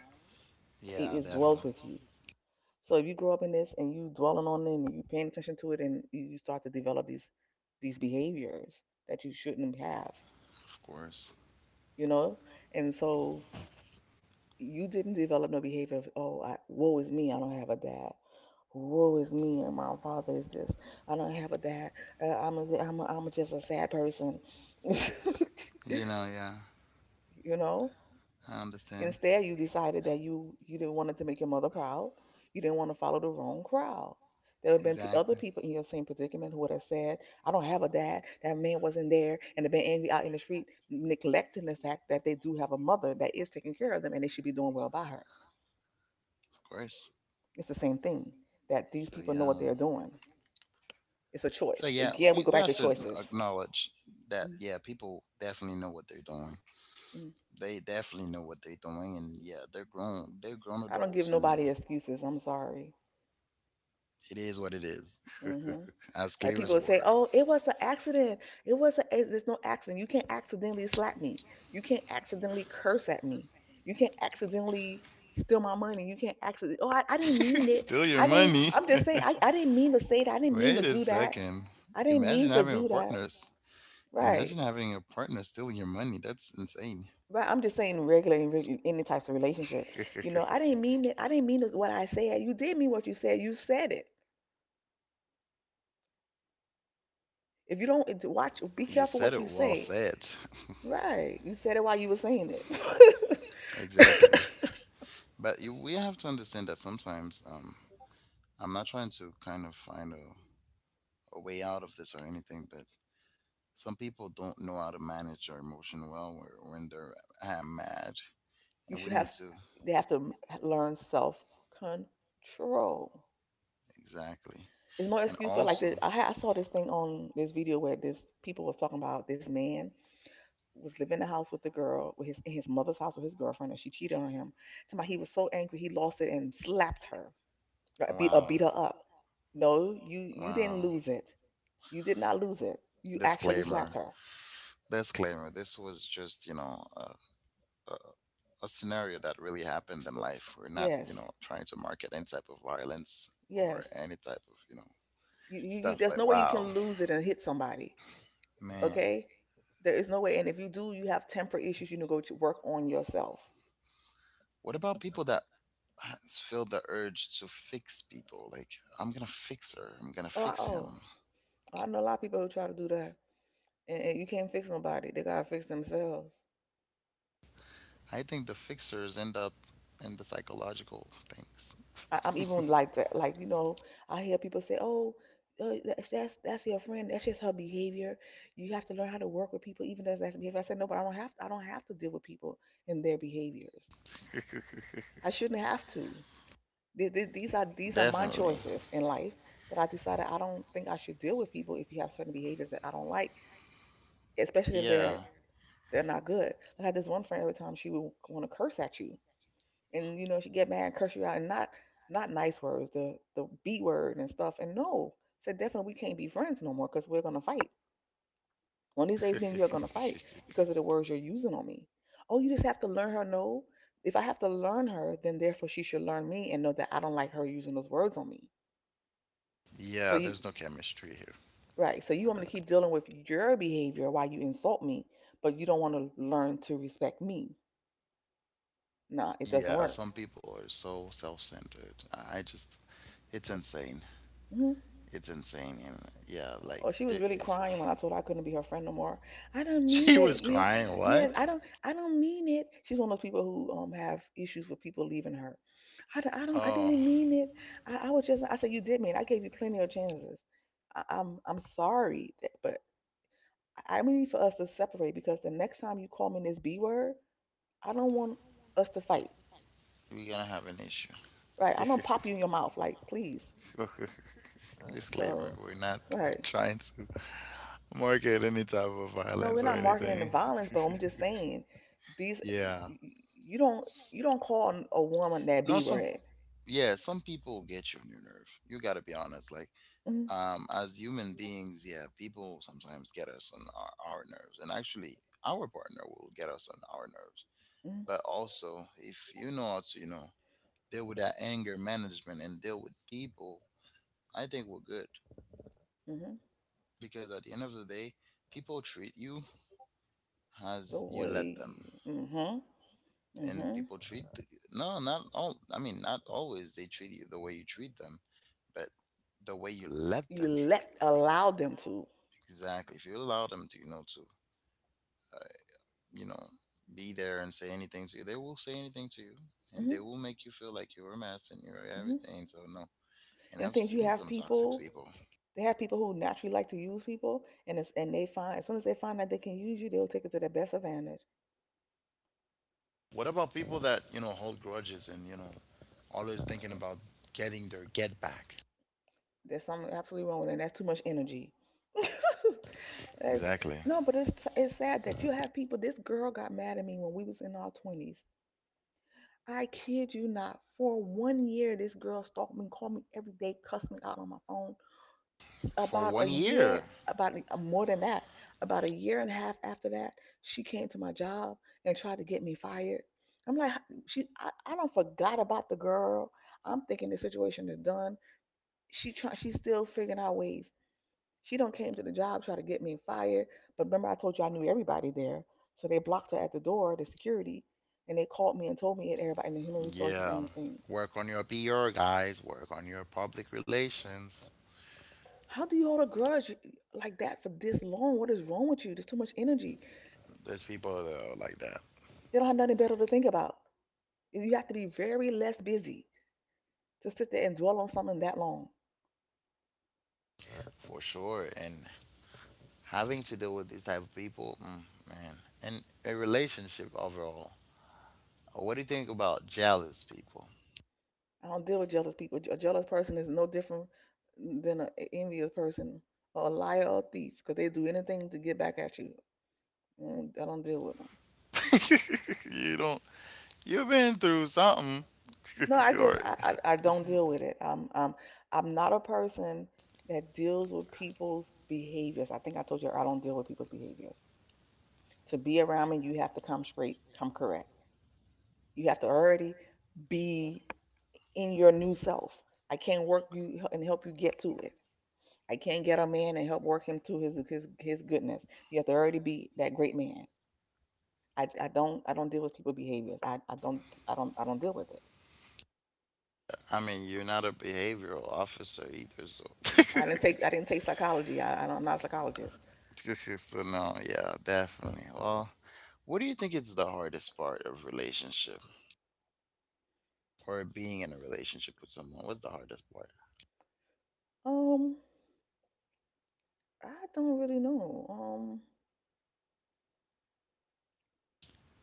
A: it,
B: Yeah,
A: it dwells
B: definitely.
A: with you. So if you grow up in this and you dwelling on it and you paying attention to it and you start to develop these behaviors that you shouldn't have,
B: Of course.
A: you know? And so you didn't develop no behavior of, oh, woe is me, I don't have a dad. Woe is me, and my father is this. I don't have a dad. I'm just a sad person,
B: You know, yeah.
A: you know.
B: I understand.
A: Instead, you decided that you didn't wanted to make your mother proud. You didn't want to follow the wrong crowd. There have been pe other
B: Exactly.
A: people in your same predicament who would have said, "I don't have a dad. That man wasn't there," and have been angry out in the street, neglecting the fact that they do have a mother that is taking care of them and they should be doing well by her.
B: Of course.
A: It's the same thing, that these
B: So
A: people know what
B: yeah.
A: they're doing. It's a
B: So
A: choice.
B: yeah,
A: Again, we go
B: we
A: back
B: have
A: to
B: to
A: choices.
B: acknowledge that
A: Mm,
B: yeah, people definitely know what they're doing.
A: mm.
B: They definitely know what they're doing and yeah, they're grown
A: I don't give
B: adults and
A: nobody
B: yeah,
A: excuses. I'm sorry.
B: it is what it is.
A: Hmm.
B: As
A: Like
B: clear
A: people
B: as
A: would say,
B: water.
A: "Oh, it was an accident. It was a. There's no accident. You can't accidentally slap me. You can't accidentally curse at me. You can't accidentally steal my money. You can't accidentally. Oh, I didn't mean it.
B: Steal your
A: I didn't.
B: money.
A: I'm just saying. I didn't mean to say that. I didn't mean to
B: Wait a
A: do that.
B: second.
A: I didn't mean
B: Imagine
A: to
B: having a
A: do that."
B: partner. s-
A: Right.
B: Imagine having a partner stealing your money. That's insane.
A: Right. I'm just saying, regulating any types of relationship. You know, I didn't mean it. I didn't mean what I said. You did mean what you said. You said it. If you don't watch, be
B: You
A: careful
B: said
A: what
B: it,
A: you
B: well
A: say.
B: said.
A: Right. You said it while you were saying it.
B: Exactly. But you, we have to understand that sometimes I'm not trying to kind of find a way out of this or anything, but some people don't know how to manage their emotion well when they're mad.
A: you
B: And
A: should
B: we
A: have
B: need to,
A: They have to learn self control.
B: exactly.
A: It's no
B: And
A: excuse for like
B: also,
A: this. I saw this thing on this video where this people was talking about this man was living in the house with the girl with his in his mother's house with his girlfriend and she cheated on him. Talking about he was so angry he lost it and slapped her or beat
B: Wow.
A: her up. No, you didn't
B: Wow.
A: lose it. You did not lose it. You actually slapped
B: Disclaimer.
A: her.
B: Disclaimer. This was just, you know, a, a scenario that really happened in life. We're not,
A: Yes.
B: you know, trying to market any type of violence
A: Yes.
B: or any type of, you know, stuff.
A: There's no
B: But
A: way you can
B: wow,
A: lose it and hit somebody.
B: man.
A: Okay, there is no way. And if you do, you have temper issues. You need to go to work on yourself.
B: What about people that feel the urge to fix people? Like, I'm gonna fix her. I'm gonna
A: Oh,
B: fix him.
A: I know a lot of people who try to do that, and you can't fix nobody. They gotta fix themselves.
B: I think the fixers end up in the psychological things.
A: I'm even like that. Like you know, I hear people say, "Oh, that's your friend. That's just her behavior. You have to learn how to work with people, even as that's behavior." I said, "No, but I don't have. To deal with people and their behaviors. I shouldn't have to. These are my
B: Definitely.
A: choices in life that I decided. I don't think I should deal with people if you have certain behaviors that I don't like, especially if they're
B: Yeah.
A: they're not good." I had this one friend, every time she would want to curse at you, and you know she get mad, and curse you out, and not nice words, the b word and stuff. And no, said definitely we can't be friends no more because we're gonna fight. One of these days, me and you are gonna fight because of the words you're using on me. "Oh, you just have to learn her." No, if I have to learn her, then therefore she should learn me and know that I don't like her using those words on me. So
B: Yeah,
A: you,
B: there's no chemistry here.
A: Right. So you want me to keep dealing with your behavior while you insult me, but you don't want to learn to respect me. Nah, it doesn't
B: Yeah,
A: work.
B: some people are so self-centered. I just, it's insane.
A: Hmm.
B: It's insane, and yeah, like
A: Oh, she was
B: there,
A: really
B: if
A: crying when I told her I couldn't be her friend no more. "I don't mean
B: she was
A: it. You,"
B: crying,
A: yes,
B: what?
A: I don't mean it. She's one of those people who have issues with people leaving her. I
B: Oh,
A: didn't mean it. I was just. I said you did mean. It. I gave you plenty of chances. I, I'm. I'm sorry, that, but I need for us to separate because the next time you call me this B word, I don't want us to fight.
B: we're gonna have an issue.
A: Right. I'm gonna pop you in your mouth, like please.
B: Disclaimer:
A: So,
B: we're not
A: right.
B: trying to market any type of
A: No, we're
B: violence or
A: not marketing the
B: anything.
A: violence, but I'm just saying these.
B: Yeah.
A: You don't call a woman that B
B: No, some
A: word.
B: yeah, some people get you on your nerve. You gotta be honest. Like
A: Mm,
B: as human beings, yeah, people sometimes get us on our nerves, and actually, our partner will get us on our nerves.
A: mm,
B: But also, if you know how to, deal with that anger management and deal with people, I think we're good
A: mm-hmm.
B: because at the end of the day, people treat you
A: The
B: as you let them,
A: way. Mm-hmm.
B: and
A: Mm-hmm.
B: people treat no, not all. I mean, not always they treat you the way you treat them, but the way you let
A: You
B: them treat you.
A: let allow them to.
B: Exactly. If you allow them to, you know, be there and say anything to you, they will say anything to you and
A: Mm-hmm.
B: they will make you feel like you're a mess and you're
A: Mm-hmm.
B: everything. So, no. And
A: And
B: I've
A: things you
B: seen
A: have
B: some toxic
A: people.
B: people.
A: They have people who naturally like to use people, and and they find as soon as they find that they can use you, they'll take it to their best advantage.
B: What about people that, hold grudges and, always thinking about getting their get back?
A: There's something absolutely wrong with that. That's too much energy. That's,
B: Exactly.
A: no, but it's sad that you have people. This girl got mad at me when we was in our twenties. I kid you not. For 1 year, this girl stalked me, called me every day, cussed me out on my phone.
B: For
A: About a
B: 1 year.
A: year, about a- More than that, about a year and a half after that, she came to my job and tried to get me fired. I'm like, I don't forgot about the girl. I'm thinking the situation is done. She's still figuring out ways. She don't came to the job try to get me fired. But remember, I told you I knew everybody there. So they blocked her at the door, the security, and they called me and told me and everybody in the human resources and
B: Yeah.
A: the thing.
B: Work on your PR, guys. Work on your public relations.
A: How do you hold a grudge like that for this long? What is wrong with you? There's too much energy.
B: There's people that are like that
A: They don't have nothing better to think about. You have to be very less busy to sit there and dwell on something that long.
B: for sure. And having to deal with these type of people, man, and a relationship overall. What do you think about jealous people?
A: I don't deal with jealous people. A jealous person is no different than an envious person or a liar or a thief because they do anything to get back at you. I don't deal with them.
B: You don't. You've been through something.
A: No, I just
B: or,
A: I don't deal with it. I'm not a person that deals with people's behaviors. I think I told you I don't deal with people's behaviors. To be around me, you have to come straight, come correct. You have to already be in your new self. I can't work you and help you get to it. I can't get a man and help work him to his goodness. You have to already be that great man. I don't deal with people's behaviors. I don't deal with it.
B: I mean, you're not a behavioral officer either, so.
A: I didn't take psychology. I'm not a psychologist.
B: So no, yeah, definitely. Well, what do you think is the hardest part of relationship or being in a relationship with someone? What's the hardest part?
A: Um. I don't really know.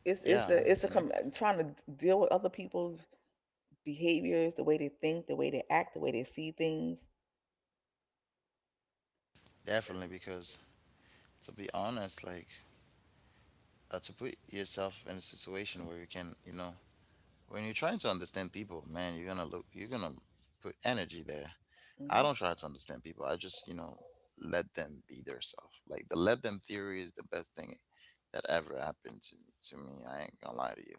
A: it's it's
B: Yeah, I'm
A: the it's the
B: listening.
A: com- Trying to deal with other people's behaviors, the way they think, the way they act, the way they see things.
B: Definitely, because to be honest, like to put yourself in a situation where you can, when you're trying to understand people, man, you're gonna put energy there. I
A: Hmm.
B: don't try to understand people. I just, let them be their self. Like the let them theory is the best thing that ever happened to me. I ain't gonna lie to you.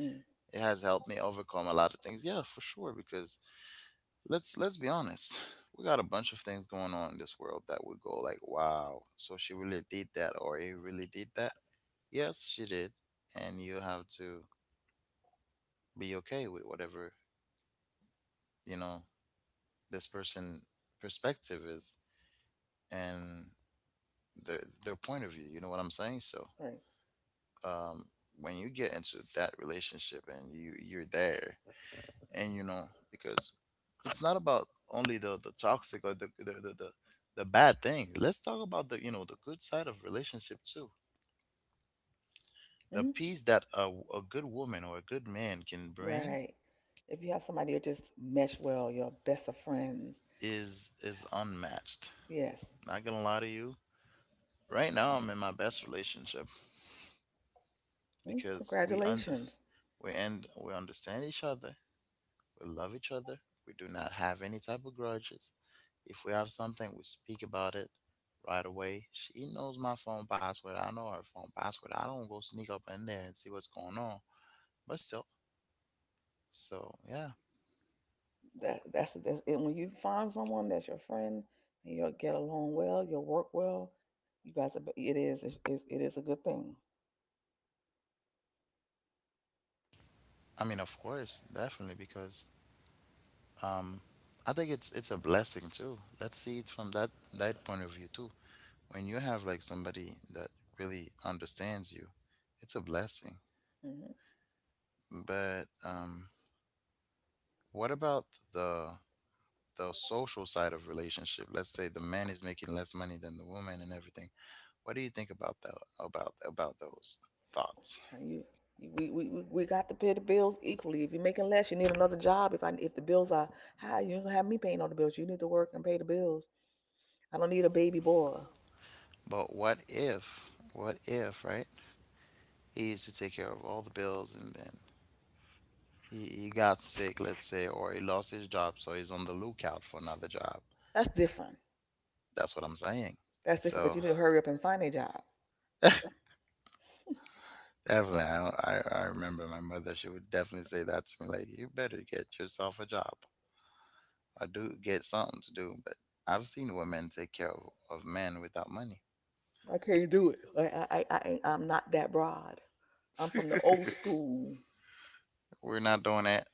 A: Mm,
B: It has helped me overcome a lot of things. Yeah, for sure. Because let's be honest, we got a bunch of things going on in this world that would go like, wow, so she really did that, or he really did that. Yes, she did, and you have to be okay with whatever, you know, this person perspective is and their point of view, you know what I'm saying? So
A: right.
B: um when you get into that relationship and you're there and you know, because it's not about only the toxic or the bad thing. Let's talk about the, you know, the good side of relationship too. The
A: Hmm.
B: peace that a good woman or a good man can bring
A: Right. If you have somebody who just mesh well, your best of friends.
B: is unmatched.
A: Yes.
B: Not gonna lie to you. Right now, I'm in my best relationship,
A: Mm,
B: because we under
A: congratulations.
B: we end we understand each other. We love each other. We do not have any type of grudges. If we have something, we speak about it right away. She knows my phone password. I know her phone password. I don't go sneak up in there and see what's going on. But still, so yeah.
A: That's it. When you find someone that's your friend and you'll get along well, you'll work well. You guys, are, it is it's, It is a good thing.
B: I mean, of course, definitely, because um, I think it's a blessing too. Let's see it from that point of view too. When you have like somebody that really understands you, it's a blessing.
A: Mm-hmm.
B: But what about the the social side of relationship? Let's say the man is making less money than the woman and everything. What do you think about that? About those thoughts?
A: Uh, You, we got to pay the bills equally. If you're making less, you need another job. If the bills are high, you ain't gonna have me paying all the bills. You need to work and pay the bills. I don't need a baby boy.
B: But what if? What if? Right? He used to take care of all the bills, and then he got sick, let's say, or he lost his job, so he's on the lookout for another job.
A: That's different.
B: That's what I'm saying.
A: That's different. But
B: So
A: you need to hurry up and find a job.
B: definitely, I remember my mother. She would definitely say that to me, like, "You better get yourself a job." I do get something to do, but I've seen women take care of men without money.
A: I can't do it. I'm not that broad. I'm from the old school.
B: We're not doing that,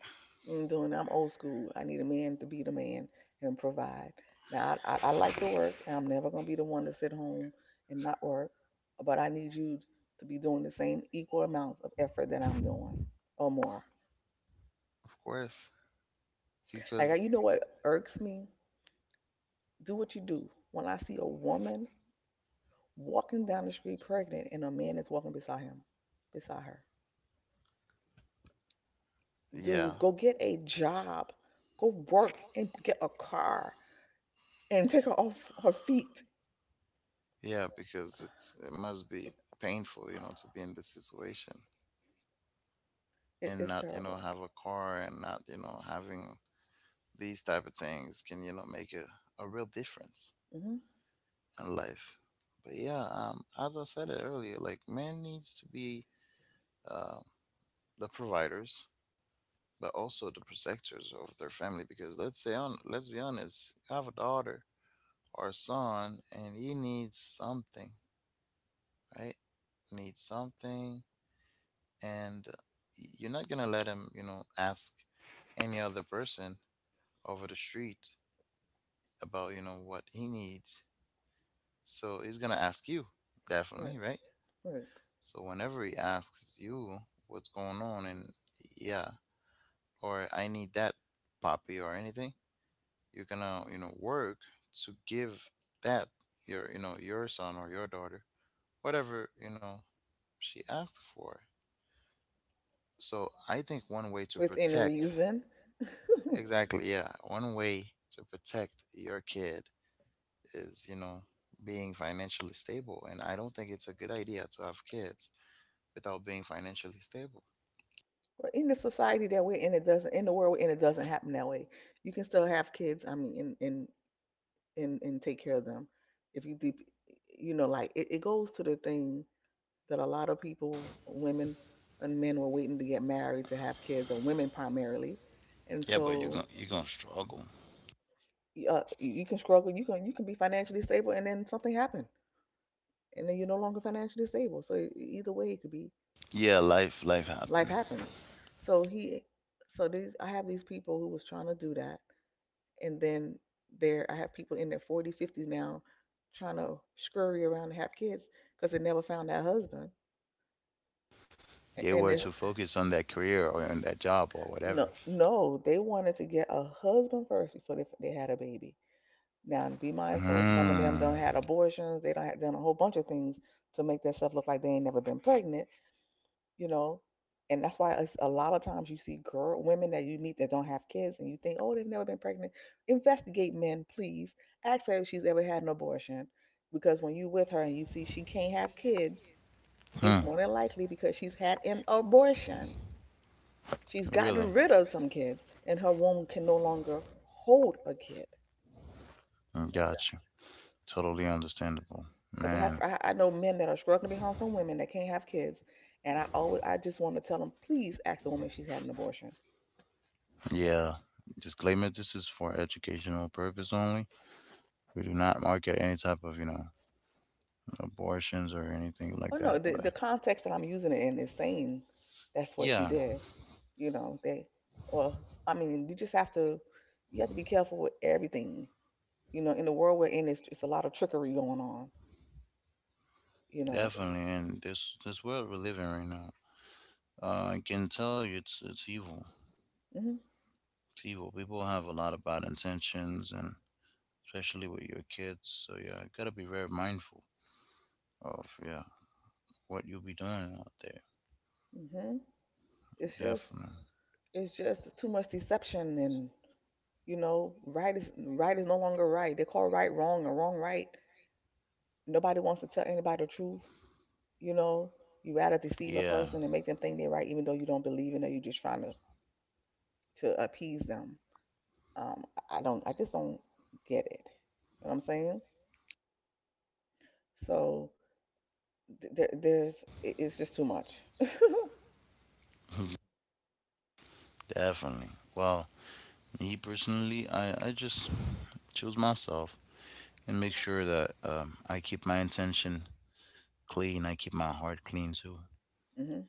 A: I'm doing. I'm old school. I need a man to be the man and provide. Now I like to work. And I'm never gonna be the one to sit home and not work, but I need you to be doing the same equal amounts of effort that I'm doing or more.
B: of course,
A: Like,
B: because
A: you know what irks me? Do what you do. When I see a woman walking down the street pregnant and a man is walking beside her,
B: yeah,
A: dude, go get a job, go work and get a car and take her off her feet.
B: yeah, because it must be painful, you know, to be in this situation
A: It,
B: and
A: it's
B: not, you know,
A: terrible.
B: have a car and not, you know, having these type of things can, you know, make a real difference
A: Hmm.
B: in life. But yeah, as I said it earlier, like man needs to be um. the providers but also the protectors of their family, because let's say, on let's be honest, you have a daughter or a son and he needs something, right, needs something, and you're not gonna let him, you know, ask any other person over the street about, you know, what he needs. So he's gonna ask you, definitely,
A: Right.
B: right?
A: Right.
B: So whenever he asks you what's going on and yeah, or I need that poppy or anything, you're gonna, you know, work to give that, your, you know, your son or your daughter, whatever, you know, she asked for. So I think one way to
A: Within
B: protect,
A: reason.
B: exactly, yeah, one way to protect your kid is, you know, being financially stable, and I don't think it's a good idea to have kids without being financially stable.
A: Or in the society that we're in, it doesn't in the world we're in, it doesn't happen that way. You can still have kids. I mean, and take care of them. If you deep, like it goes to the thing that a lot of people, women and men, were waiting to get married to have kids, or women primarily, and
B: Yeah, but you're
A: so
B: gonna you're gonna struggle.
A: you can struggle. You can be financially stable, and then something happened, and then you're no longer financially stable. So either way, it could be
B: Yeah, life
A: life
B: happened.
A: happens. So he, I have these people who was trying to do that, and then I have people in their 40s, 50s now, trying to scurry around and have kids because they never found that husband.
B: They were
A: And
B: too
A: it's Boys.
B: focused on that career or on that job or
A: No,
B: whatever.
A: no, they wanted to get a husband first before they had a baby. Now, be mindful, some of them
B: Hmm.
A: done had abortions, they done had done a whole bunch of things to make themselves look like they ain't never been pregnant. You know, and that's why it's a lot of times you see girl women that you meet that don't have kids and you think, oh, they've never been pregnant. Investigate, men, please. Ask her if she's ever had an abortion. Because when you with her and you see she can't have kids, it's
B: Mm.
A: more than likely because she's had an abortion. She's gotten
B: Really?
A: rid of some kids and her womb can no longer hold a kid.
B: Gotcha. Totally understandable.
A: Because I have
B: Man,
A: I know men that are struggling behind some women that can't have kids. And I just want to tell them, please ask the woman if she's had an abortion.
B: yeah. Disclaimer, this is for educational purpose only. We do not market any type of, abortions or anything like
A: Oh no,
B: that.
A: the
B: But
A: the context that I'm using it in is saying that's what she
B: yeah,
A: did. You know, they well, I mean, you have to be careful with everything. You know, in the world we're in, it's a lot of trickery going on. You know,
B: definitely. And this world we're living right now, I can tell you it's evil.
A: hmm
B: It's evil. People have a lot of bad intentions, and especially with your kids. So yeah, you gotta be very mindful of, yeah, what you'll be doing out there.
A: hmm it's just
B: Definitely.
A: it's just too much deception, and you know, right is no longer right. They call right wrong and wrong right. Nobody wants to tell anybody the truth. You know, you rather deceive a
B: Yeah,
A: person and make them think they're right, even though you don't believe in it. You're just trying to appease them. I just don't get it. You know what I'm saying? So th- there, there's, it's just too much.
B: definitely. Well, me personally, I just choose myself and make sure that I keep my intention clean. I keep my heart clean too.
A: Hmm.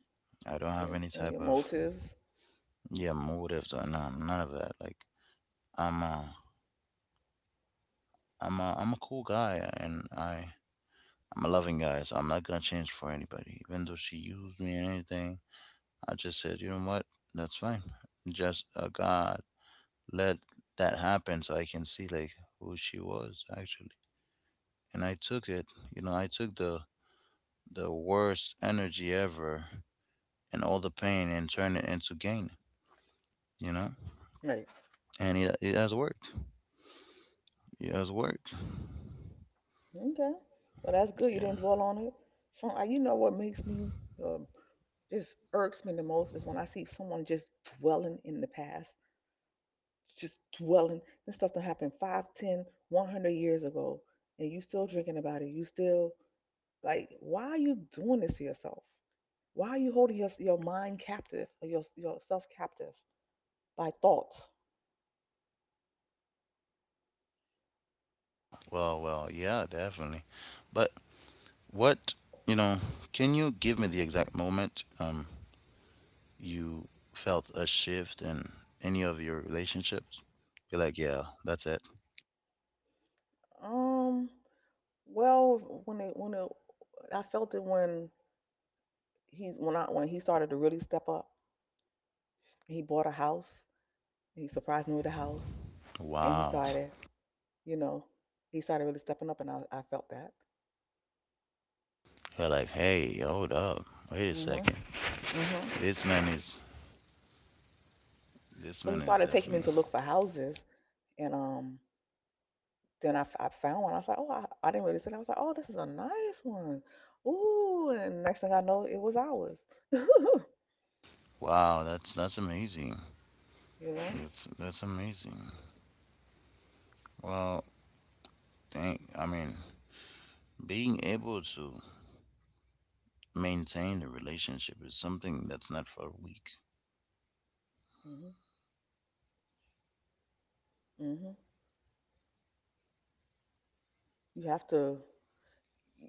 B: I don't have
A: And,
B: any
A: and
B: type
A: your
B: of,
A: motives,
B: yeah, motives or none, none of that. Like I'm a I'm a cool guy, and I'm a loving guy, so I'm not gonna change for anybody. Even though she used me and anything, I just said, you know what, that's fine. Just a guy. Let that happen so I can see like who she was actually. And I took it, you know, I took the worst energy ever and all the pain, and turned it into gain, you know?
A: right?
B: And it has worked. It has worked.
A: Okay. Well, that's good. You
B: Yeah.
A: didn't dwell on it. You know, what makes me um, just irks me the most is when I see someone just dwelling in the past, just dwelling. This stuff that happened 5, 10, 100 years ago, and you still drinking about it. You still like, why are you doing this to yourself? Why are you holding your mind captive or yourself captive by thoughts?
B: Well, well, yeah, definitely. But what, you know, can you give me the exact moment you felt a shift in any of your relationships? You're like, yeah, that's it.
A: Um. Well, I felt it when he when I when he started to really step up. He bought a house. He surprised me with a house, and
B: Wow.
A: you know, he started really stepping up, and I felt that.
B: They're like, hey, hold up, wait a
A: Mhm.
B: second.
A: Mhm.
B: This man is
A: So
B: this
A: he
B: man
A: started
B: is
A: taking me to
B: definitely
A: look for houses, and then I found one. I was like, oh, I didn't really see that. I was like, oh, this is a nice one. Ooh, and next thing I know, it was ours.
B: wow. That's amazing.
A: You know?
B: That's amazing. Well, thank. I mean, being able to maintain a relationship is something that's not for the weak.
A: hmm hmm You have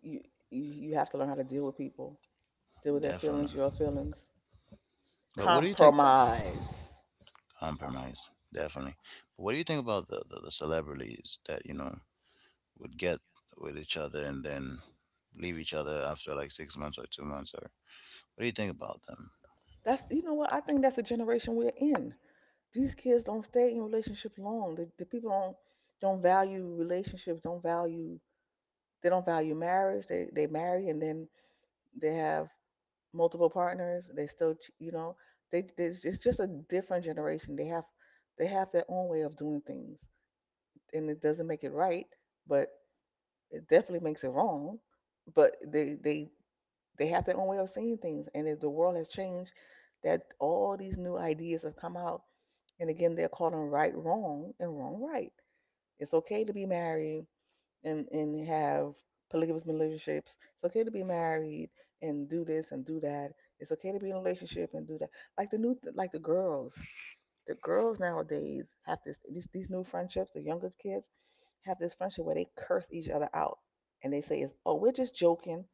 A: you you to learn how to deal with people, deal with their feelings,
B: Definitely.
A: your feelings.
B: But what do you think?
A: Compromise.
B: Compromise. Definitely. But what do you think about the celebrities that you know would get with each other and then leave each other after like 6 months or 2 months, or what do you think about them?
A: That's You know what I think, that's the generation we're in. These kids don't stay in relationships long. The people don't value relationships. Don't value They don't value marriage. They marry and then they have multiple partners. They still you know, they it's just a different generation. They have their own way of doing things. And it doesn't make it right, but it definitely makes it wrong. But they have their own way of seeing things, and as the world has changed, that all these new ideas have come out, and again they're calling right wrong and wrong right. It's okay to be married and have polygamous relationships. It's okay to be married and do this and do that. It's okay to be in a relationship and do that. Like the new like the girls nowadays have these new friendships. The younger kids have this friendship where they curse each other out and they say, "Oh, we're just joking,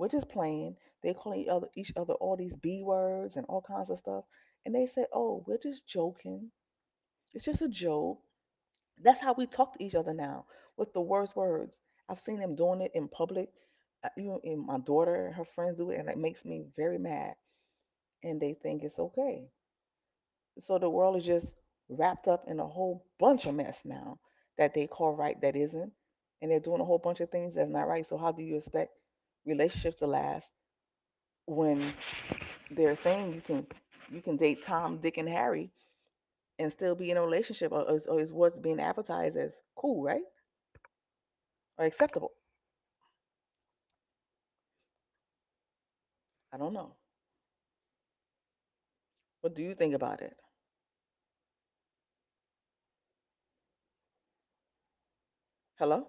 A: we're just playing." They call each other all these b words and all kinds of stuff, and they say, "Oh, we're just joking. It's just a joke." That's how we talk to each other now with the worst words. I've seen them doing it in public. Even my daughter, and her friends do it, and it makes me very mad. And they think it's okay, so the world is just wrapped up in a whole bunch of mess now that they call right that isn't, and they're doing a whole bunch of things that's not right. So how do you expect relationships to last when they're saying you can date Tom, Dick and Harry and still be in a relationship? Or is what's being advertised as cool, right, or acceptable? I don't know. What do you think about it? Hello?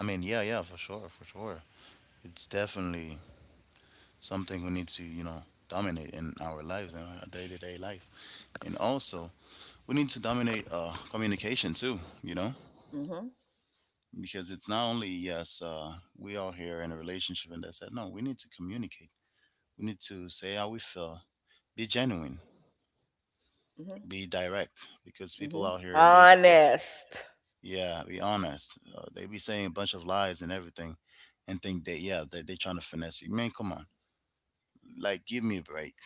B: I mean, yeah, yeah, for sure, for sure. It's definitely something we need to, you know, dominate in our lives, in our day to day life. And also, we need to dominate communication too, you know,
A: Mm-hmm.
B: because it's not only, yes, we are here in a relationship and that's it. No, we need to communicate. We need to say how we feel, be genuine,
A: Mm-hmm.
B: be direct, because people
A: Mm-hmm,
B: out here, they
A: honest.
B: yeah, be honest. They be saying a bunch of lies and everything, and think that yeah, they trying to finesse you. Man, come on. Like, give me a break.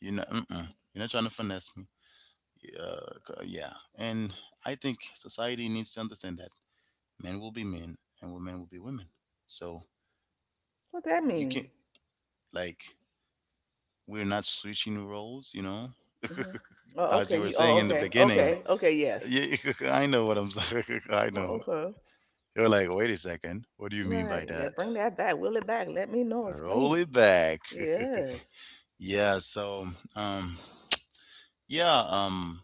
B: You're not, mm-mm. You're not trying to finesse me. Yeah. And I think society needs to understand that men will be men and women will be women. So
A: What that
B: you can,
A: mean?
B: like, we're not switching roles, you know?
A: Mm-hmm. Oh,
B: As you
A: okay,
B: were
A: you.
B: saying
A: Oh,
B: in the
A: okay,
B: beginning,
A: okay, okay, yes.
B: yeah, I know what I'm saying. I
A: Oh,
B: know.
A: okay.
B: You're like, wait a second. What do you mean by
A: Right. Yeah,
B: that?
A: bring that back. Will it back. Let me know.
B: Roll
A: Explain.
B: it back.
A: Yes.
B: Yeah. So, um, yeah.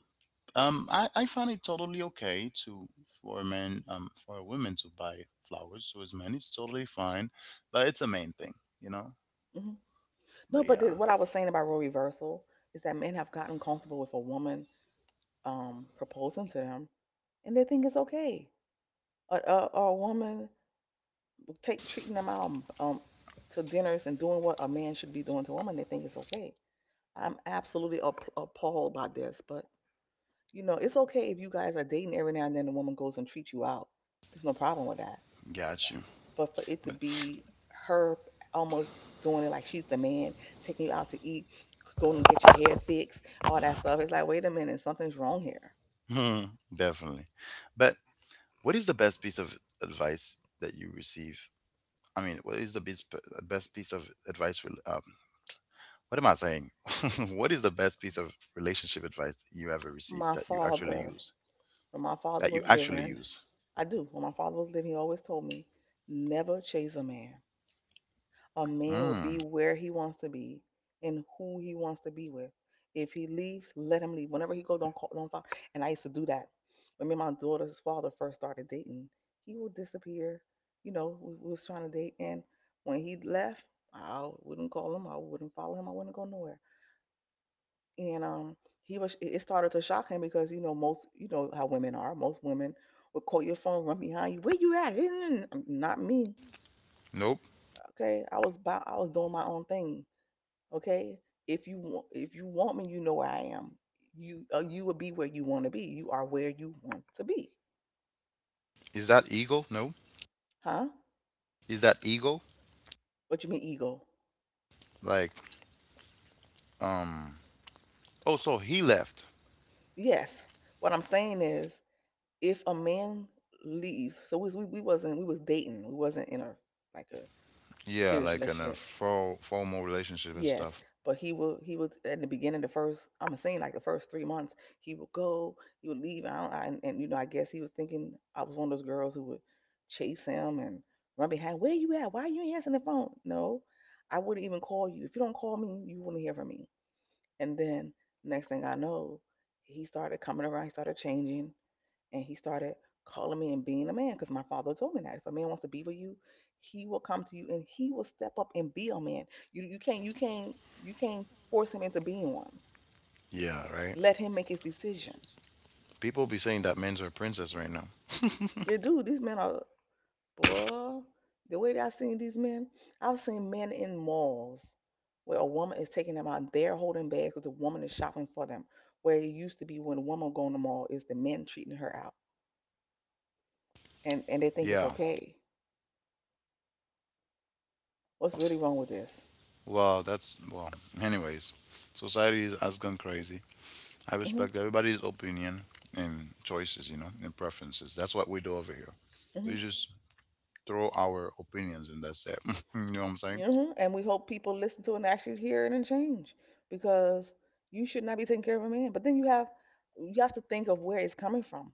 B: I find it totally okay to, for a woman to buy flowers to his man. It's totally fine, but it's a main thing, you know.
A: Hmm. No,
B: But
A: but
B: yeah,
A: what I was saying about role reversal is that men have gotten comfortable with a woman proposing to them, and they think it's okay. A, a woman take treating them out, to dinners, and doing what a man should be doing to a woman, they think it's okay. I'm absolutely appalled by this, but you know, it's okay if you guys are dating every now and then. The woman goes and treats you out. There's no problem with that.
B: got you.
A: But for it to
B: But
A: be her almost doing it like she's the man, taking you out to eat, going to get your hair fixed, all that stuff. It's like, wait a minute, something's wrong here.
B: definitely. But what is the best piece of advice that you receive? I mean, what is the best piece of advice? What am I saying? What is the best piece of relationship advice that you ever received
A: My
B: that you actually
A: father,
B: use?
A: when my
B: That
A: father
B: you
A: was
B: actually
A: living —
B: use?
A: I do. When my father was living, he always told me, never chase a man. A man will
B: Mm,
A: be where he wants to be and who he wants to be with. If he leaves, let him leave. Whenever he goes, don't call, don't follow. And I used to do that. When me and my daughter's father first started dating, he would disappear. You know, we was trying to date, and when he left, I wouldn't call him. I wouldn't follow him. I wouldn't go nowhere. And he was. It started to shock him because you know most, you know how women are. Most women would call your phone, run behind you. Where you at? Not me.
B: nope.
A: Okay, I was about. I was doing my own thing. Okay? If you want me, you know where I am. You you will be where you want to be. You are where you want to be.
B: Is that ego? No.
A: Huh?
B: Is that ego?
A: What you mean ego?
B: Like, um, oh, so he left.
A: Yes. What I'm saying is, if a man leaves — so we wasn't we was dating. We wasn't in a, like, a
B: Yeah,
A: serious
B: like in a
A: relationship.
B: formal relationship and
A: Yes,
B: stuff.
A: but he will. He would in the beginning, the first. I'm saying like the first 3 months, he would go. He would leave out, and you know, I guess he was thinking I was one of those girls who would chase him and run behind. Where you at? Why you ain't answering the phone? No, I wouldn't even call you. If you don't call me, you wouldn't hear from me. And then next thing I know, he started coming around. He started changing, and he started calling me and being a man, because my father told me that if a man wants to be with you, he will come to you and he will step up and be a man. You can't you can't force him into being one.
B: Yeah, right?
A: Let him make his decision.
B: People be saying that men's are princess right now.
A: Yeah, dude, these men are, boy, the way that I've seen these men. I've seen men in malls where a woman is taking them out, they're holding bags because the woman is shopping for them, where it used to be when a woman go in the mall, is the men treating her out. And they think it's
B: Yeah,
A: okay. What's really wrong with this?
B: well, that's, well, anyways, society is- has gone crazy. I respect everybody's opinion and choices, you know, and preferences. That's what we do over here.
A: Hmm.
B: We just throw our opinions and that's it. You know what I'm saying?
A: Hmm. And we hope people listen to it and actually hear it and change, because you should not be taking care of a man. But then you have, you have to think of where it's coming from.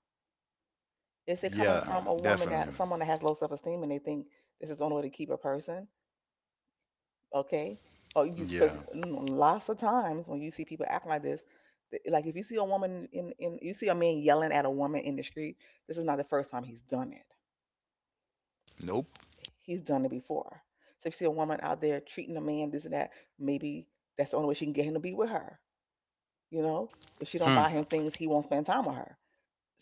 A: Is it coming, yeah,
B: Yeah,
A: from a woman,
B: definitely.
A: that someone that has low self esteem, and they think this is the only way to keep a person? Okay. Or you, because,
B: Yeah.
A: yeah, lots of times when you see people acting like this, like if you see a woman in, you see a man yelling at a woman in the street, this is not the first time he's done it,
B: Nope.
A: he's done it before. So if you see a woman out there treating a man this and that, maybe that's the only way she can get him to be with her. You know, if she don't
B: Hmm.
A: buy him things, he won't spend time with her.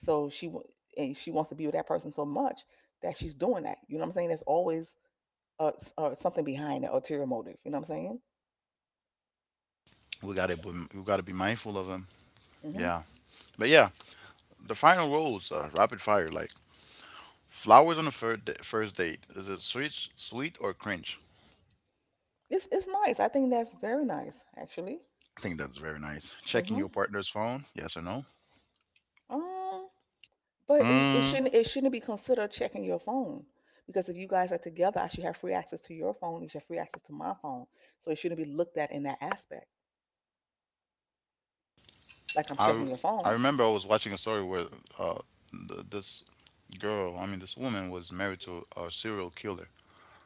A: So she, and she wants to be with that person so much that she's doing that. You know what I'm saying? There's always uh, something behind, the ulterior motive. You know what I'm saying?
B: We gotta be mindful of them.
A: Mm hmm
B: Yeah. But yeah, the final rules are rapid fire. Like flowers on the first date. Is it sweet or cringe?
A: It's nice. I think that's very nice, actually.
B: I think that's very nice.
A: Mm
B: Checking
A: hmm
B: your partner's phone. Yes or no?
A: Um, but it
B: Mm,
A: shouldn't, it shouldn't be considered checking your phone, because if you guys are together, I should have free access to your phone. You should have free access to my phone. So it shouldn't be looked at in that aspect, like I'm
B: I
A: checking your
B: I
A: phone.
B: remember I was watching a story where uh, this girl, I mean this woman, was married to a serial killer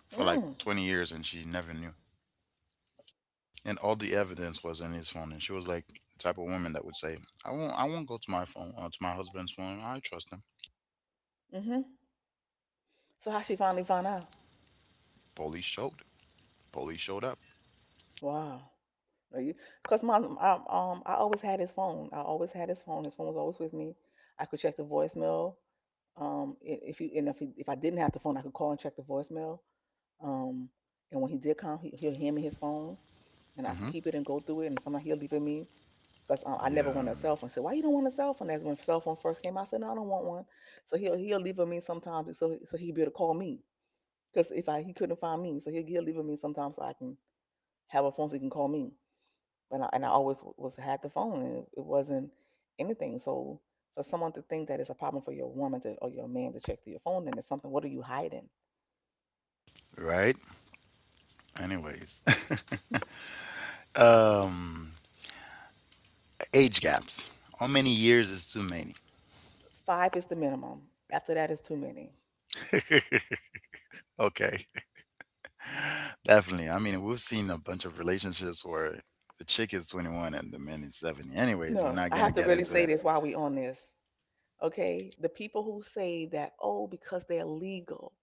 B: for like
A: Mm.
B: 20 years and she never knew. And all the evidence was in his phone. And she was like the type of woman that would say, I won't go to my phone, to my husband's phone. I trust him."
A: Mhm. So how she finally found out?
B: Police showed. Police showed up.
A: Wow. Because my um, I always had his phone. I always had his phone. His phone was always with me. I could check the voicemail. If you, and if he, if I didn't have the phone, I could call and check the voicemail. Um, and when he did come, he'll hand me his phone, and I can
B: Hmm.
A: keep it and go through it. And sometimes he'll leave it me, because I never
B: Yeah.
A: wanted a cell phone. I said, "Why you don't want a cell phone?" That's when cell phone first came out. I said, "No, I don't want one." So he'll leave it me sometimes, so so he'll be able to call me, because if I, he couldn't find me, so he'll leave it me sometimes so I can have a phone so he can call me. But I, and I always was had the phone, and it wasn't anything. So for someone to think that it's a problem for your woman to, or your man to, check through your phone, then it's something. What are you hiding?
B: Right? Anyways. um Age gaps. How many years is too many?
A: Five is the minimum. After that is too many.
B: Okay. Definitely. I mean, we've seen a bunch of relationships where the chick is 21 and the man is 70. Anyways, we're
A: No,
B: not
A: I
B: going to
A: have to
B: get
A: really
B: into
A: say
B: that.
A: this while we on this. Okay, the people who say that, oh, because they're legal,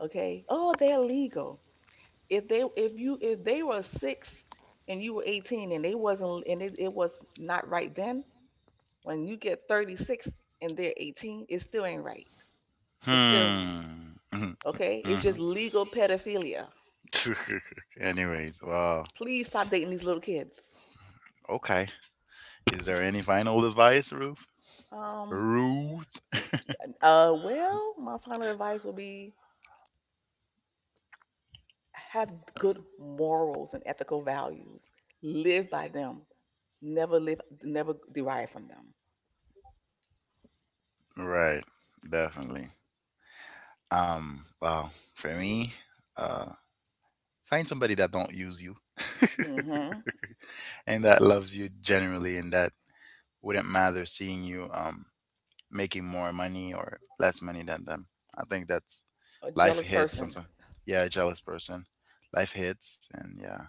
A: okay, oh, they're legal — if they, if you, if they were six and you were 18 and they wasn't, and it was not right then, when you get 36 and they're 18, it still ain't right. It's still —
B: Hmm. Mhm.
A: okay, it's just legal pedophilia.
B: Mhm. Anyways, wow.
A: Please stop dating these little kids.
B: Okay. Is there any final advice, Ruth?
A: Um.
B: Ruth?
A: Uh, well, my final advice will be, have good morals and ethical values. Live by them. Never live, never derive from them.
B: Right. Definitely. Well, for me, uh, find somebody that don't use you
A: Hmm.
B: and that loves you generally and that wouldn't matter seeing you making more money or less money than them. I think that's
A: A
B: life
A: jealous
B: hits
A: person.
B: something. Yeah, a jealous person. Life hits and yeah,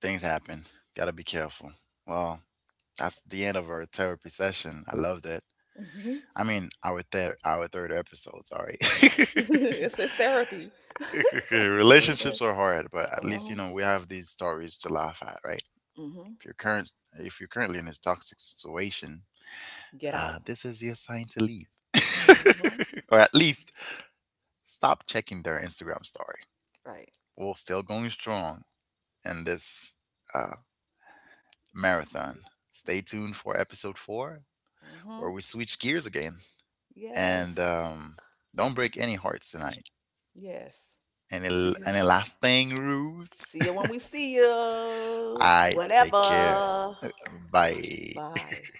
B: things happen. Gotta be careful. Well, that's the end of our therapy session. I loved it.
A: Hmm.
B: I mean, our third episode, sorry.
A: Right. It's therapy. It is
B: Relationships
A: therapy.
B: are hard, but at least you
A: Oh.
B: know we have these stories to laugh at, right?
A: Hmm.
B: If you're current, if you're currently in a toxic situation,
A: Get out.
B: this is your sign to leave,
A: Hmm.
B: or at least stop checking their Instagram story.
A: Right.
B: We're still going strong in this uh, marathon. Stay tuned for episode 4,
A: Hmm.
B: where we switch gears again,
A: Yes.
B: and don't break any hearts tonight.
A: Yes. See you.
B: Any last thing, Ruth?
A: See you when we see you.
B: I take care.
A: Whatever.
B: Bye.
A: Bye.